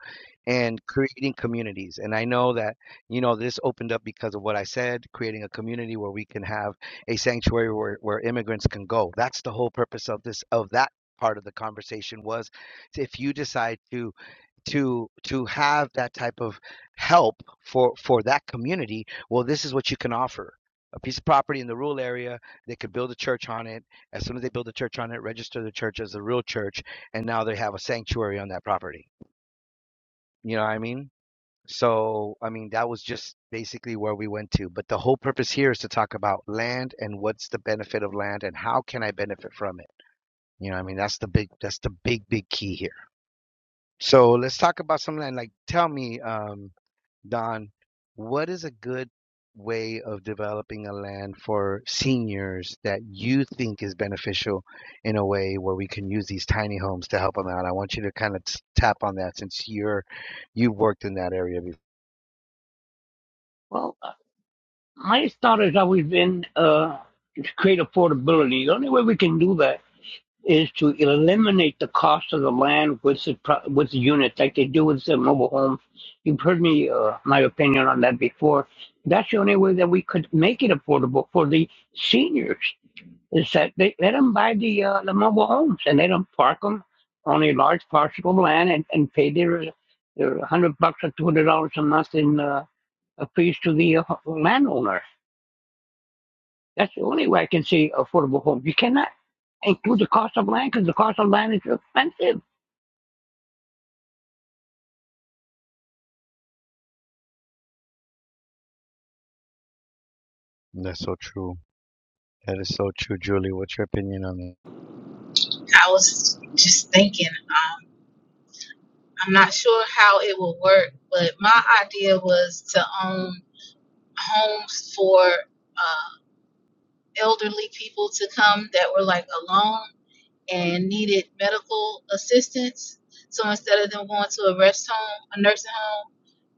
and creating communities. And I know that, you know, this opened up because of what I said, creating a community where we can have a sanctuary where, where immigrants can go. That's the whole purpose of this, of that part of the conversation was if you decide to to to have that type of help for for that community well this is what you can offer a piece of property in the rural area they could build a church on it as soon as they build a church on it register the church as a real church and now they have a sanctuary on that property you know what i mean so i mean that was just basically where we went to but the whole purpose here is to talk about land and what's the benefit of land and how can i benefit from it you know what i mean that's the big that's the big big key here so let's talk about something like, like tell me, um, Don, what is a good way of developing a land for seniors that you think is beneficial in a way where we can use these tiny homes to help them out? I want you to kind of t- tap on that since you're you've worked in that area before. Well, My thought has always been uh, to create affordability. The only way we can do that is to eliminate the cost of the land with the pro- with the units, like they do with the mobile homes. You've heard me uh, my opinion on that before. That's the only way that we could make it affordable for the seniors. Is that they let them buy the uh, the mobile homes and let them park them on a large parcel of land and, and pay their their one hundred bucks or two hundred dollars a month in uh, a fees to the uh, landowner that's the only way I can say affordable home. You cannot include the cost of land because the cost of land is expensive. That's so true. That is so true, Julie. What's your opinion on that? I was just thinking, um, I'm not sure how it will work, but my idea was to own homes for uh, elderly people to come that were like alone and needed medical assistance. So instead of them going to a rest home, a nursing home,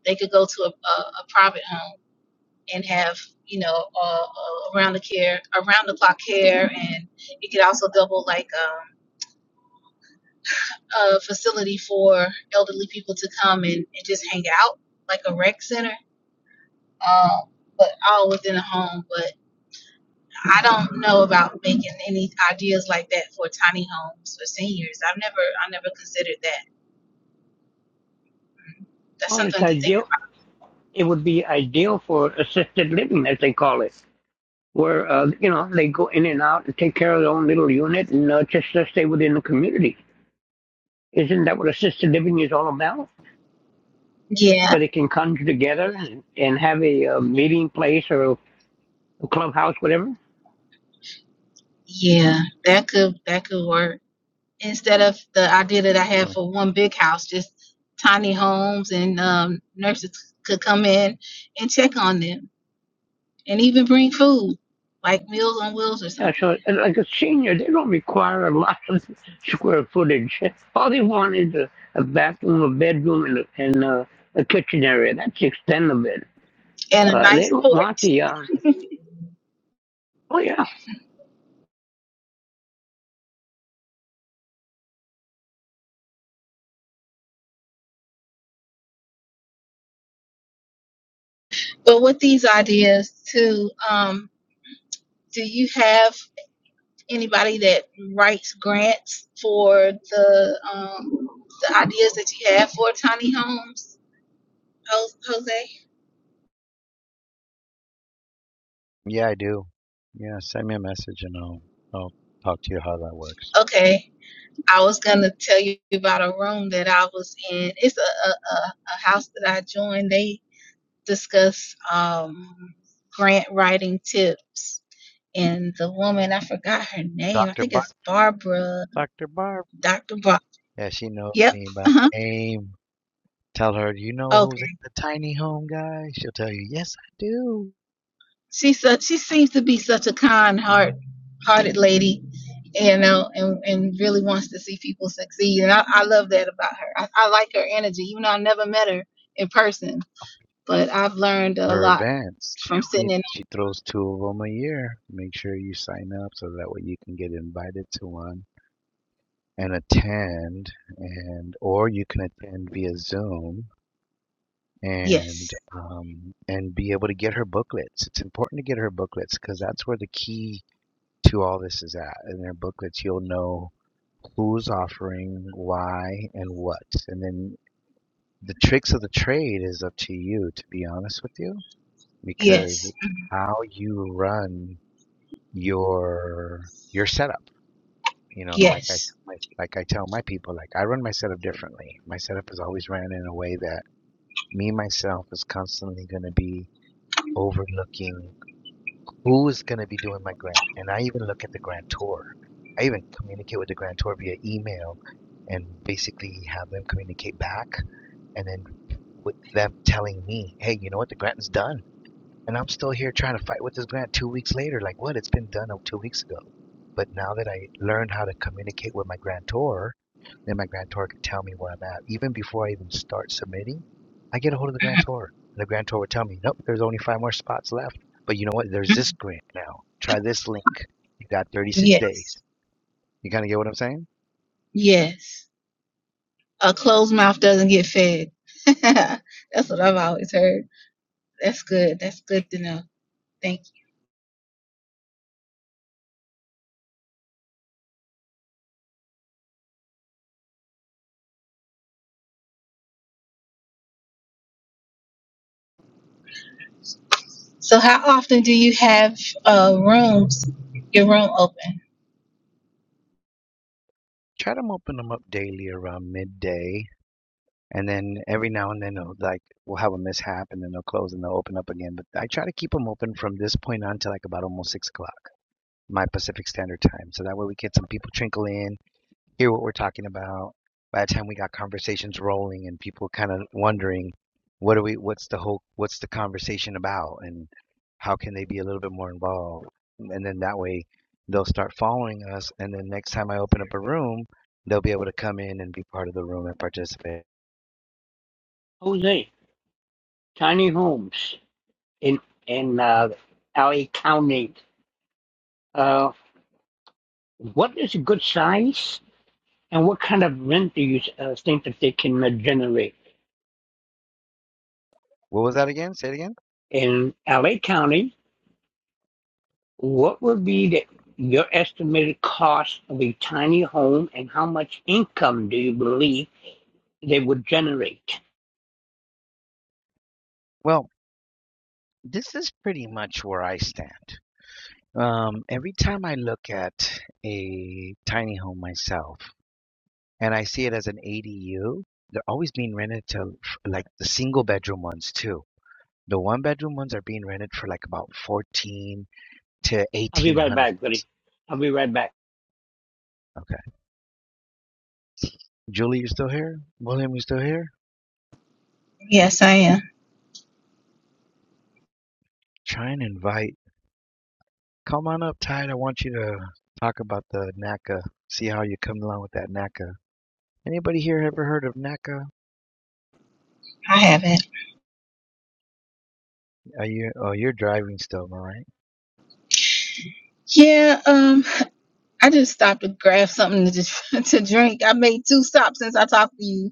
they could go to a, a, a private home and have you know uh, uh, around the care around the clock care and it could also double like um, a facility for elderly people to come and, and just hang out like a rec center um, but all within a home but i don't know about making any ideas like that for tiny homes for seniors i've never i never considered that that's Well, it's something to think of ideal. It would be ideal for assisted living, as they call it, where uh, you know they go in and out and take care of their own little unit and uh, just uh, stay within the community. Isn't that what assisted living is all about? yeah Where they can come together and, and have a, uh meeting place or a clubhouse, whatever. yeah that could that could work instead of the idea that I had Julie? for one big house, just tiny homes and um, nurses could come in and check on them and even bring food, like Meals on Wheels or Yeah, something, so like a senior, they don't require a lot of square footage. All they want is a, a bathroom, a bedroom, and, a, and a, a kitchen area. That's the extent of it. and a Uh, they nice don't port. want the. Uh, oh yeah, But with these ideas, too, um, do you have anybody that writes grants for the um, the ideas that you have for tiny homes, Jos- Jose? Yeah, I do. Yeah, send me a message and I'll I'll talk to you how that works. Okay. I was gonna tell you about a room that I was in. It's a a, a, a house that I joined. They discuss um, grant writing tips, and the woman I forgot her name. I Dr. think Bar it's Barbara, Dr. Dr. Bob. Yeah, she knows Yep. me by Uh-huh. name. Tell her, "Do you know who's Okay. in the tiny home guy? She'll tell you, yes, I do. She such she seems to be such a kind heart hearted lady, you know, and and really wants to see people succeed. And I, I love that about her. I, I like her energy, even though I never met her in person At but I've learned a Her lot events, she from sitting only in. she throws two of them a year. Make sure you sign up so that way you can get invited to one and attend, and or you can attend via Zoom Yes, and um and be able to get her booklets. It's important to get her booklets because that's where the key to all this is at. In their booklets, you'll know who's offering, why, and what. And then the tricks of the trade is up to you, to be honest with you, because yes, it's how you run your your setup. You know, like I yes, like, like I tell my people, like I run my setup differently. My setup is always ran in a way that me myself is constantly going to be overlooking who is going to be doing my grant. And I even look at the grantor. I even communicate with the grantor via email and basically have them communicate back and then with them telling me, hey, you know what, the grant is done. And I'm still here trying to fight with this grant two weeks later. Like, what? It's been done uh, two weeks ago. But now that I learned how to communicate with my grantor, then my grantor could tell me where I'm at. Even before I even start submitting, I get a hold of the mhm, grantor. And the grantor would tell me, nope, there's only five more spots left. But you know what? There's this grant now. Try this link. You got 36 days. yes, You kind of get what I'm saying? yes. A closed mouth doesn't get fed. That's what I've always heard. That's good. That's good to know. Thank you. So, how often do you have uh, rooms, your room open? Try to open them up daily around midday and then every now and then they'll like we'll have a mishap and then they'll close and they'll open up again but i try to keep them open from this point on to like about almost six o'clock my pacific standard time so that way we get some people trickle in hear what we're talking about by the time we got conversations rolling and people kind of wondering what are we what's the whole what's the conversation about and how can they be a little bit more involved and then that way they'll start following us and then next time i open up a room they'll be able to come in and be part of the room and participate Jose, tiny homes in in uh, LA County. Uh, what is a good size, and what kind of rent do you uh, think that they can uh, generate What was that again? Say it again. in LA County? What would be the, your estimated cost of a tiny home and how much income do you believe they would generate? Well, this is pretty much where I stand. Um, every time I look at a tiny home myself and I see it as an ADU, they're always being rented to f- like the single bedroom ones too. The one bedroom ones are being rented for like about 14 to I'll be right 1800. back, buddy. I'll be right back. Okay. Julie, you still here? William, you still here? Yes, I am. Try and invite. Come on up, Tide. I want you to talk about the NACA. See how you come along with that NACA. Anybody here ever heard of NACA? I have it. Are you? Oh, you're driving still, all right? Yeah. Um. I just stopped to grab something to just to drink. I made two stops since I talked to you.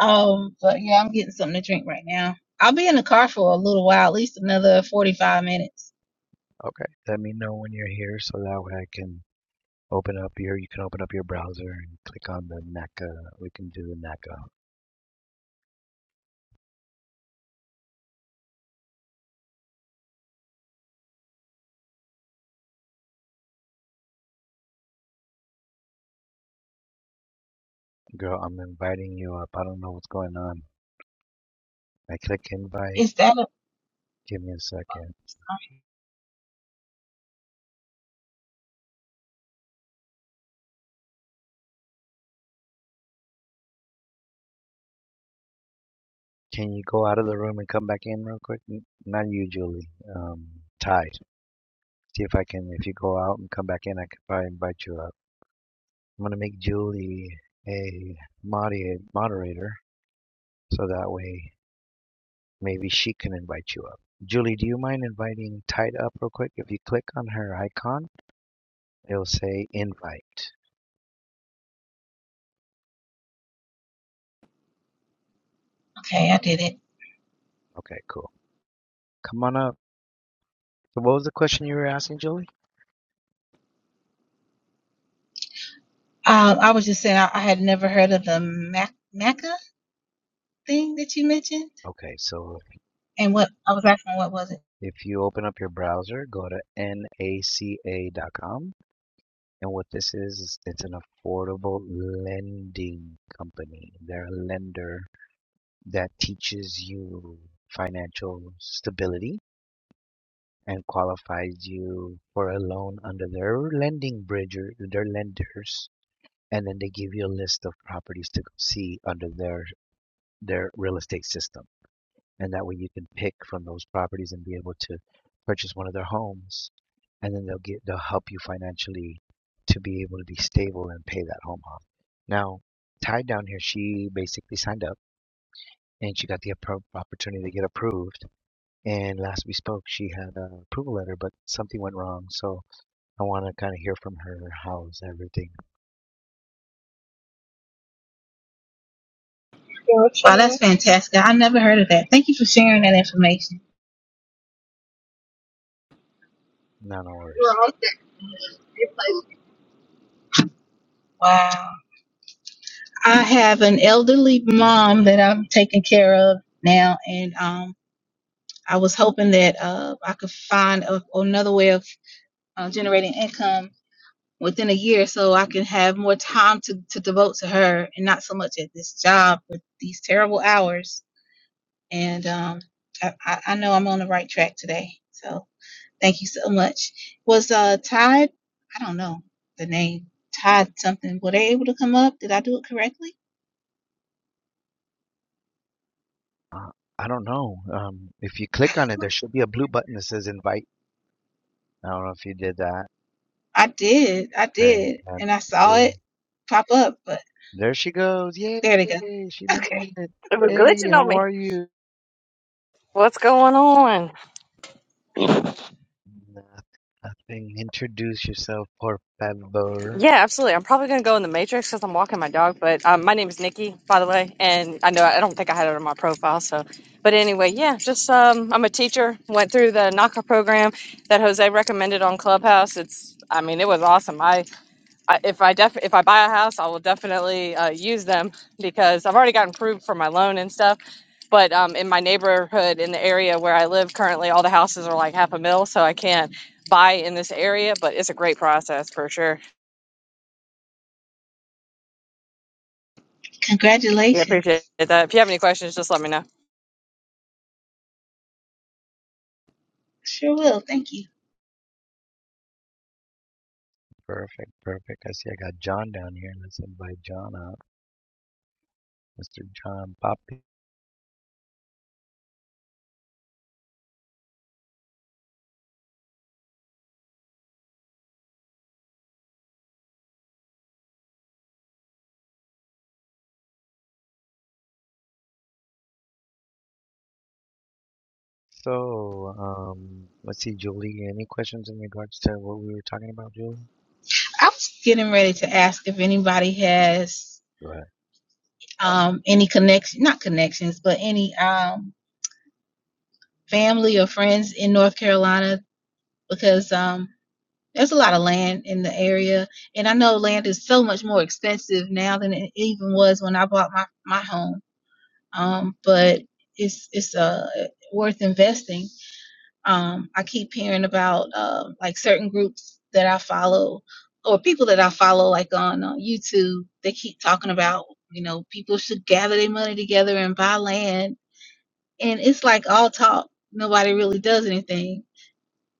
Um, but yeah, I'm getting something to drink right now. I'll be in the car for a little while, at least another 45 minutes. Okay. Let me know when you're here, so that way I can open up your. You can open up your browser and click on the NACA. We can do the NACA. Girl, I'm inviting you up. I don't know what's going on. I click invite. Is that a, Give me a second. Can you go out of the room and come back in real quick? N- Not usually. Um, tied. See if I can. If you go out and come back in, I could probably invite you up. I'm gonna make Julie a moderate moderator, so that way maybe she can invite you up. Julie, do you mind inviting Tied up real quick? If you click on her icon, it'll say invite. okay? I did it. Okay, cool. Come on up. So what was the question you were asking, Julie? Um, I was just saying I, I had never heard of the Mac, Maca thing that you mentioned, Okay, so and what I was asking, what was it? if you open up your browser, go to naca.com. And what this is, is it's an affordable lending company. They're a lender that teaches you financial stability and qualifies you for a loan under their lending bridge or their lenders. And then they give you a list of properties to go see under their their real estate system. and that way you can pick from those properties and be able to purchase one of their homes and then they'll get they'll help you financially to be able to be stable and pay that home off now ty down here she basically signed up and she got the appro- opportunity to get approved and last we spoke she had a approval letter but something went wrong so i want to kind of hear from her how's everything Wow, that's fantastic. I never heard of that. Thank you for sharing that information. None of ours. Wow. I have an elderly mom that I'm taking care of now, and um. I was hoping that uh, I could find a, another way of uh, generating income within a year so I can have more time to, to devote to her and not so much at this job with these terrible hours. And um, I, I I know I'm on the right track today. So thank you so much. Was uh, Tide? I don't know the name, Tide something, were they able to come up? Did I do it correctly? uh, i don't know um, if you click on it there should be a blue button that says invite i don't know if you did that I did. I Very did. happy And I saw too. it pop up, but There she goes. Yay, there they go. she made Okay. it. It was Hey, glitching on how me. are you? What's going on? Noth- Nothing. Introduce yourself, por favor. Yeah, absolutely. I'm probably gonna go in the matrix because I'm walking my dog. But um, my name is Nikki, by the way, and I know I don't think I had it on my profile. So, but anyway, yeah, just um, I'm a teacher. Went through the NACA program that Jose recommended on Clubhouse. It's, I mean, it was awesome. I I, if I def if I buy a house, I will definitely uh, use them because I've already gotten approved for my loan and stuff. But um, in my neighborhood, in the area where I live currently, all the houses are like half a mil, so I can't buy in this area. But it's a great process for sure. Yeah, appreciate Congratulations. that. If you have any questions, just let me know. Sure will. Thank you. Perfect, perfect. I see I got John down here. Let's invite John up. Mr. John Poppy. So, um, let's see, Julie, any questions in regards to what we were talking about, Julie? I was getting ready to ask if anybody has Go ahead. um, any connection, not connections, but any um, family or friends in North Carolina because um, there's a lot of land in the area. And I know land is so much more expensive now than it even was when I bought my, my home. Um, but it's, it's uh, worth investing Um, I keep hearing about uh, like certain groups that I follow or people that I follow, like on uh, YouTube. They keep talking about, you know, people should gather their money together and buy land. And it's like all talk. Nobody really does anything.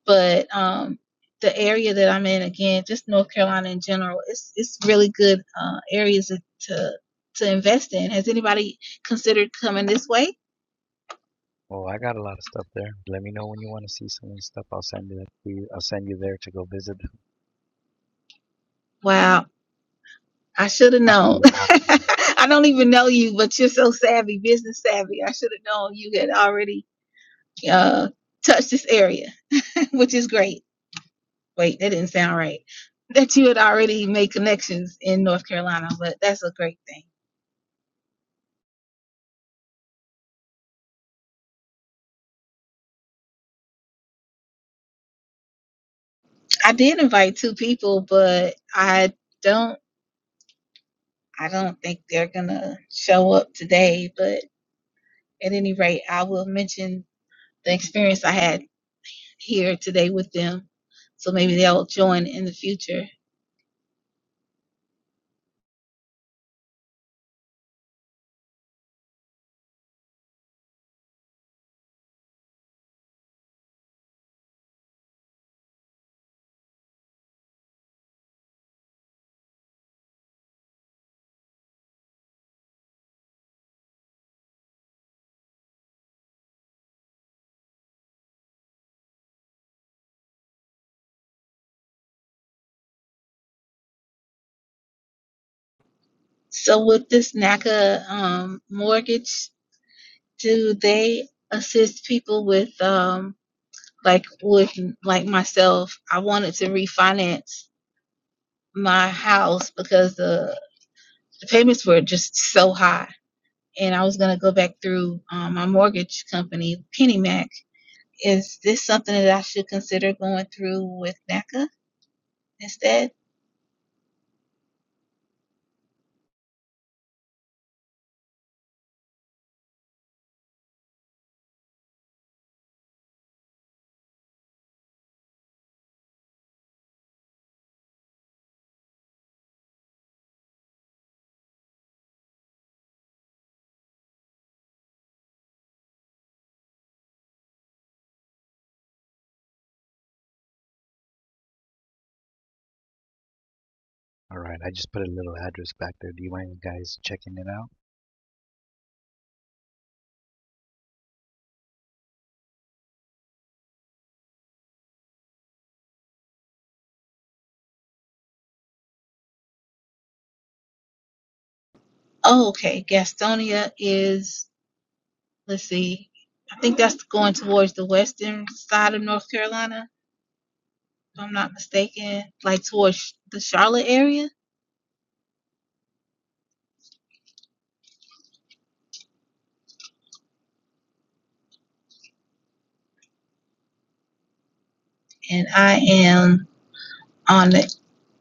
But um, the area that I'm in, again, just North Carolina in general, it's it's really good uh, areas to to invest in. Has anybody considered coming this way? Oh, I got a lot of stuff there. Let me know when you want to see some of the stuff. I'll send it to you. I'll send you there to go visit. Wow. I should have known. I don't even know you, but you're so savvy, business savvy. I should have known you had already uh, touched this area, which is great. Wait, that didn't sound right. That you had already made connections in North Carolina, but that's a great thing. I did invite two people, but I don't. I don't think they're gonna show up today. But at any rate, I will mention the experience I had here today with them, so maybe they'll join in the future So with this NACA um, mortgage, do they assist people with um, like with like myself? I wanted to refinance my house because the, the payments were just so high. And I was gonna go back through um, my mortgage company, PennyMac. Is this something that I should consider going through with NACA instead? All right, I just put a little address back there. Do you mind guys checking it out? Oh, okay. Gastonia is let's see, I think that's going towards the western side of North Carolina, if I'm not mistaken, like towards the Charlotte area. And I am on the,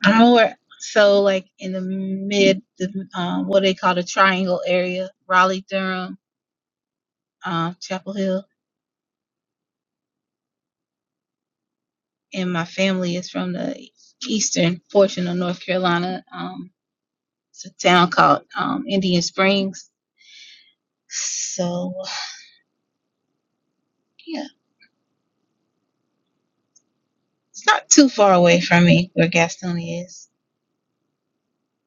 I don't know where, so like in the mid, the, um, what they call the triangle area, Raleigh, Durham, uh, Chapel Hill. And my family is from the eastern portion of North Carolina. Um, it's a town called um, Indian Springs. So, yeah, it's not too far away from me where Gastonia is.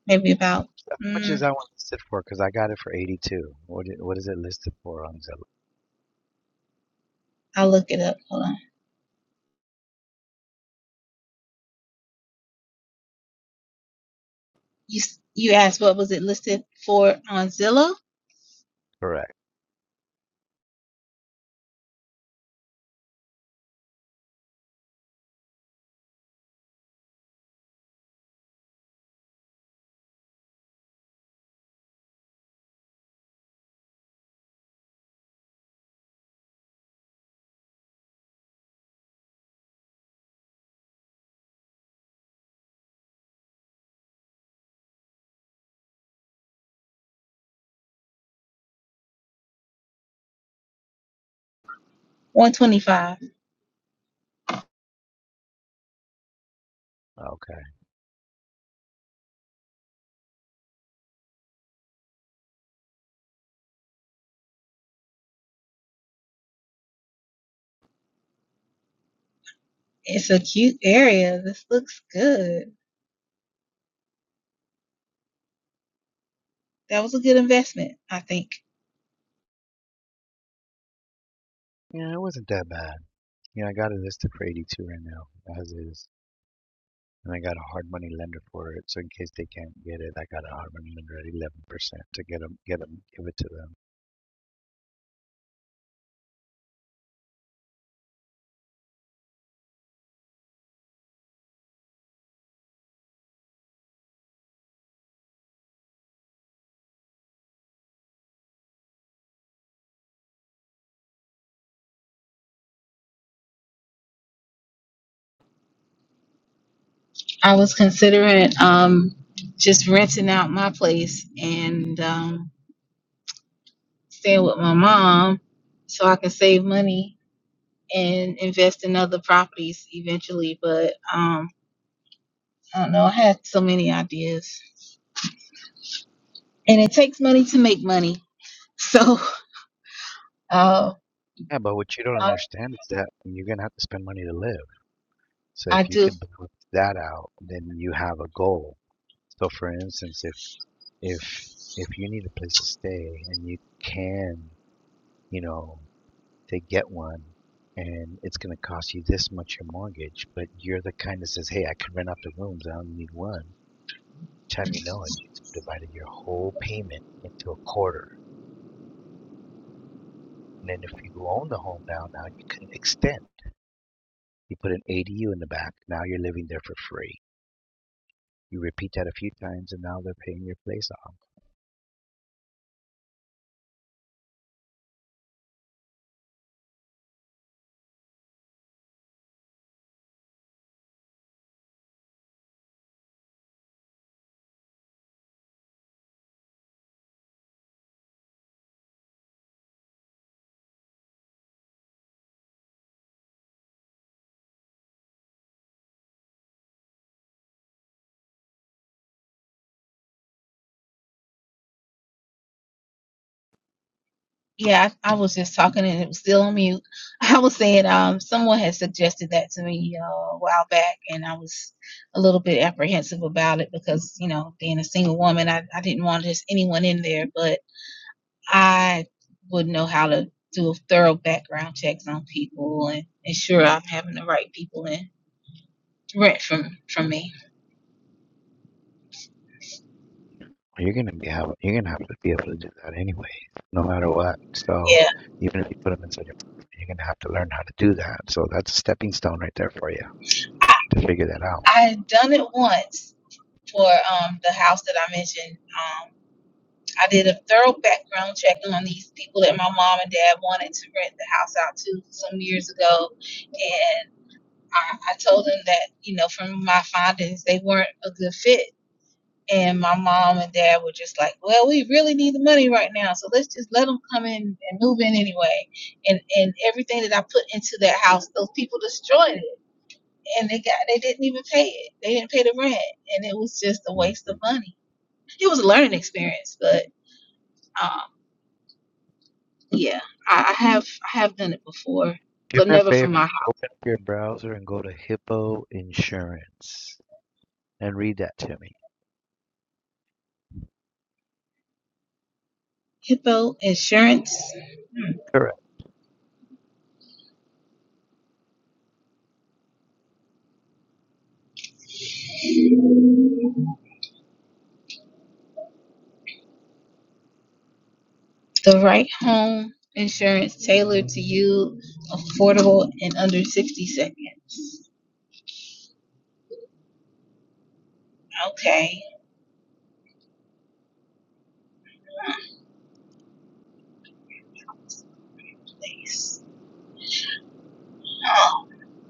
maybe about How much is mm, that one listed for? Because I got it for 82. What is, what is it listed for on Zillow? I'll look it up. Hold on. You s- you asked what was it listed for on Zillow? Correct. 125. Okay. It's a cute area. This looks good. That was a good investment, I think. Yeah, it wasn't that bad. Yeah, I got it listed for 82 right now, as is. And I got a hard money lender for it, so in case they can't get it, I got a hard money lender at 11% to get them, get them, give it to them. I was considering um just renting out my place and um staying with my mom so I can save money and invest in other properties eventually, but um I don't know, I had so many ideas. And it takes money to make money. So Oh, Yeah, but what you don't I, understand is that you're gonna have to spend money to live. So I if you do. could balance that out, then you have a goal. So for instance, if if if you need a place to stay and you can, you know, to get one and it's going to cost you this much your mortgage, but you're the kind that says, "Hey, I can rent out the rooms. I only need one." Time you know it, you've divided your whole payment into a quarter, and then if you own the home now, now you can extend. You put an ADU in the back. Now you're living there for free. You repeat that a few times, and now they're paying your place off. Yeah, I, I was just talking and it was still on mute. I was saying, um, someone had suggested that to me uh, a while back, and I was a little bit apprehensive about it because, you know, being a single woman, I, I didn't want just anyone in there, but I would know how to do a thorough background checks on people and ensure I'm having the right people in to rent from from me. You're gonna be have you're gonna have to be able to do that anyways, no matter what. So Yeah, even if you put them inside your pocket, you're gonna have to learn how to do that. So that's a stepping stone right there for you to figure that out. I had done it once for um the house that I mentioned. um, I did a thorough background check on these people that my mom and dad wanted to rent the house out to some years ago. And I, I told them that, you know, from my findings, they weren't a good fit. And my mom and dad were just like, well, we really need the money right now. So let's just let them come in and move in anyway. And, and everything that I put into that house, those people destroyed it and they got, they didn't even pay it. They didn't pay the rent. And it was just a waste of Mhm. money. It was a learning experience, but, um, Yeah, I, I have I have done it before, Do but me a never for my favor, heart. open up your browser and go to Hippo Insurance and read that to me. Hippo Insurance, Correct. the right home insurance tailored to you, affordable in under sixty seconds. Okay, please. Oh,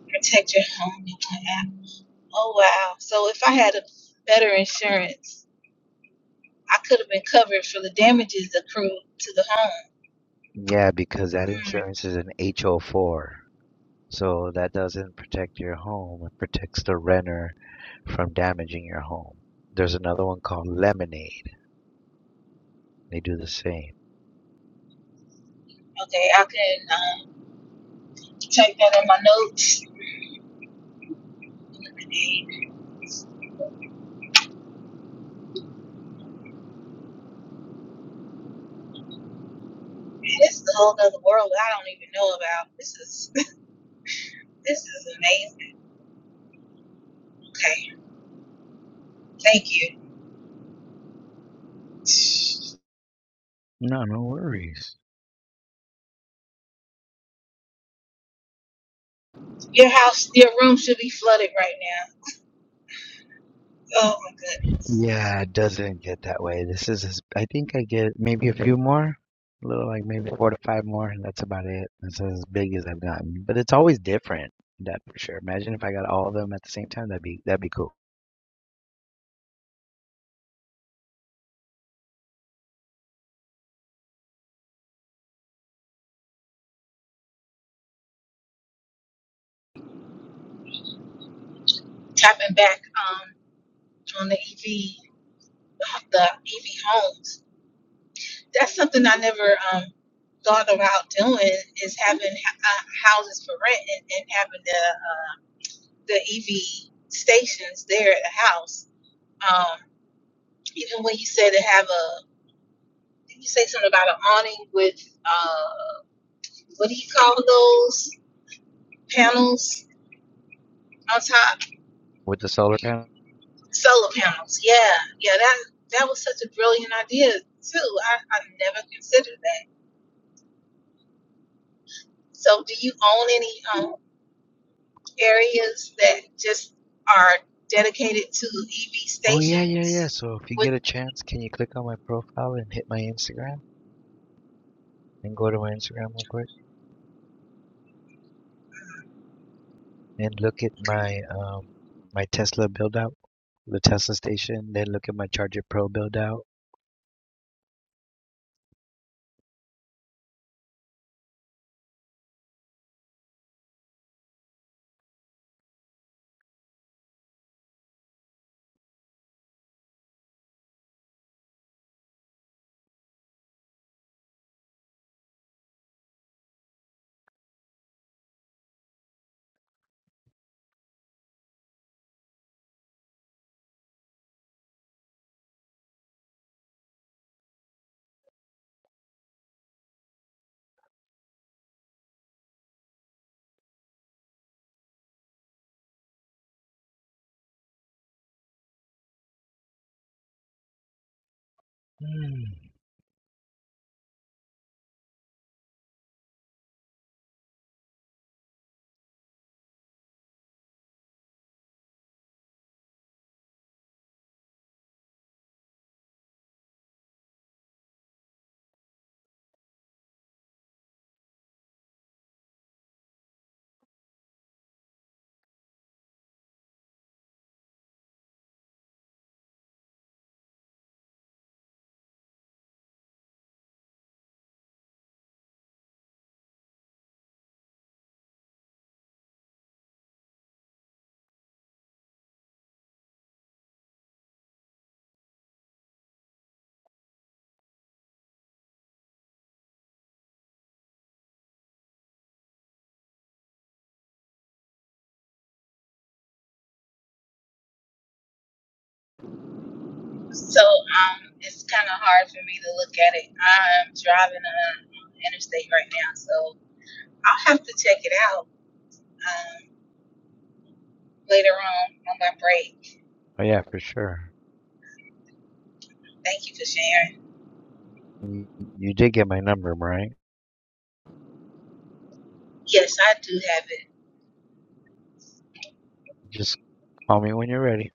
protect your home with one app. Oh wow! So if I had a better insurance, I could have been covered for the damages accrued to the home. Yeah, because that Hmm. insurance is an HO4. So that doesn't protect your home, it protects the renter from damaging your home. There's another one called Lemonade. They do the same. Okay, I can um, take that in my notes. This is a whole other world I don't even know about. This is this is amazing. Okay, thank you. No, no worries. Your house, your room should be flooded right now. Oh my god. Yeah, it doesn't get that way. This is, as- I think I get maybe a few more, a little like maybe four to five more, and that's about it. That's as big as I've gotten. But it's always different, that for sure. Imagine if I got all of them at the same time, that'd be that'd be cool. Tapping back um on the EV, the EV homes. That's something I never um thought about doing is having uh, houses for rent and, and having the the EV stations there at the house. Um, even when you said to have a, did you say something about an awning with? uh what do you call those panels on top? With the solar panel. Solar panels. Yeah, yeah. That that was such a brilliant idea too. I, I never considered that. So, do you own any um, areas that just are dedicated to EV Oh yeah, yeah, yeah. stations? So if you With get a chance, can you click on my profile and hit my Instagram and go to my Instagram real quick and look at my um my Tesla build out, the Tesla station, then look at my Charger Pro build out. Mm. so, um, it's kind of hard for me to look at it. I'm driving uh, on interstate right now, so I'll have to check it out um, later on on my break. Oh yeah, for sure. Thank you for sharing. You, you did get my number, right? Yes, I do have it. Just call me when you're ready.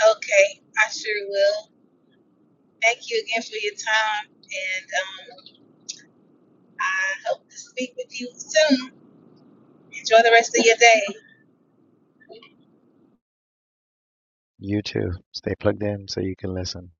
Okay, I sure will. Thank you again for your time, and um, I hope to speak with you soon. Enjoy the rest of your day. You too. Stay plugged in so you can listen.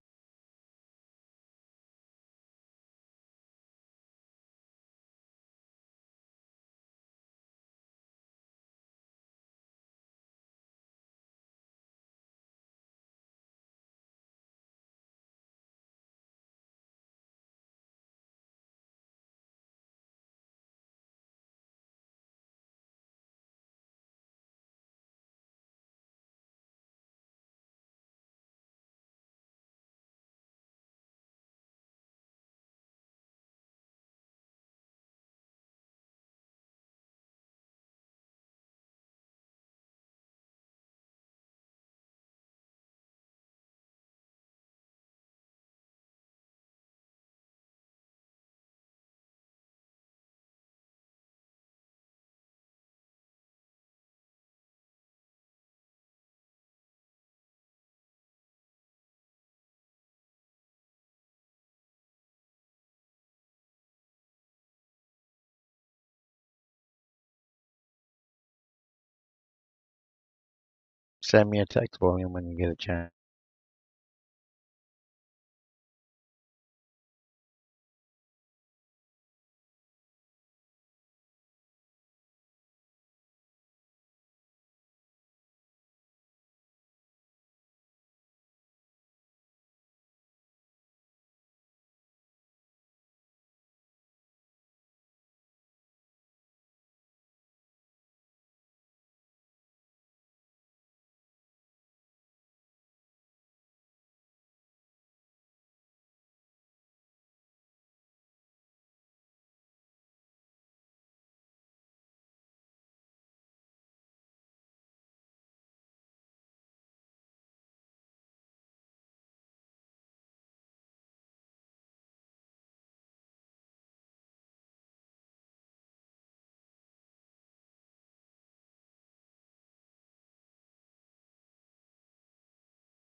Send me a text volume when you get a chance.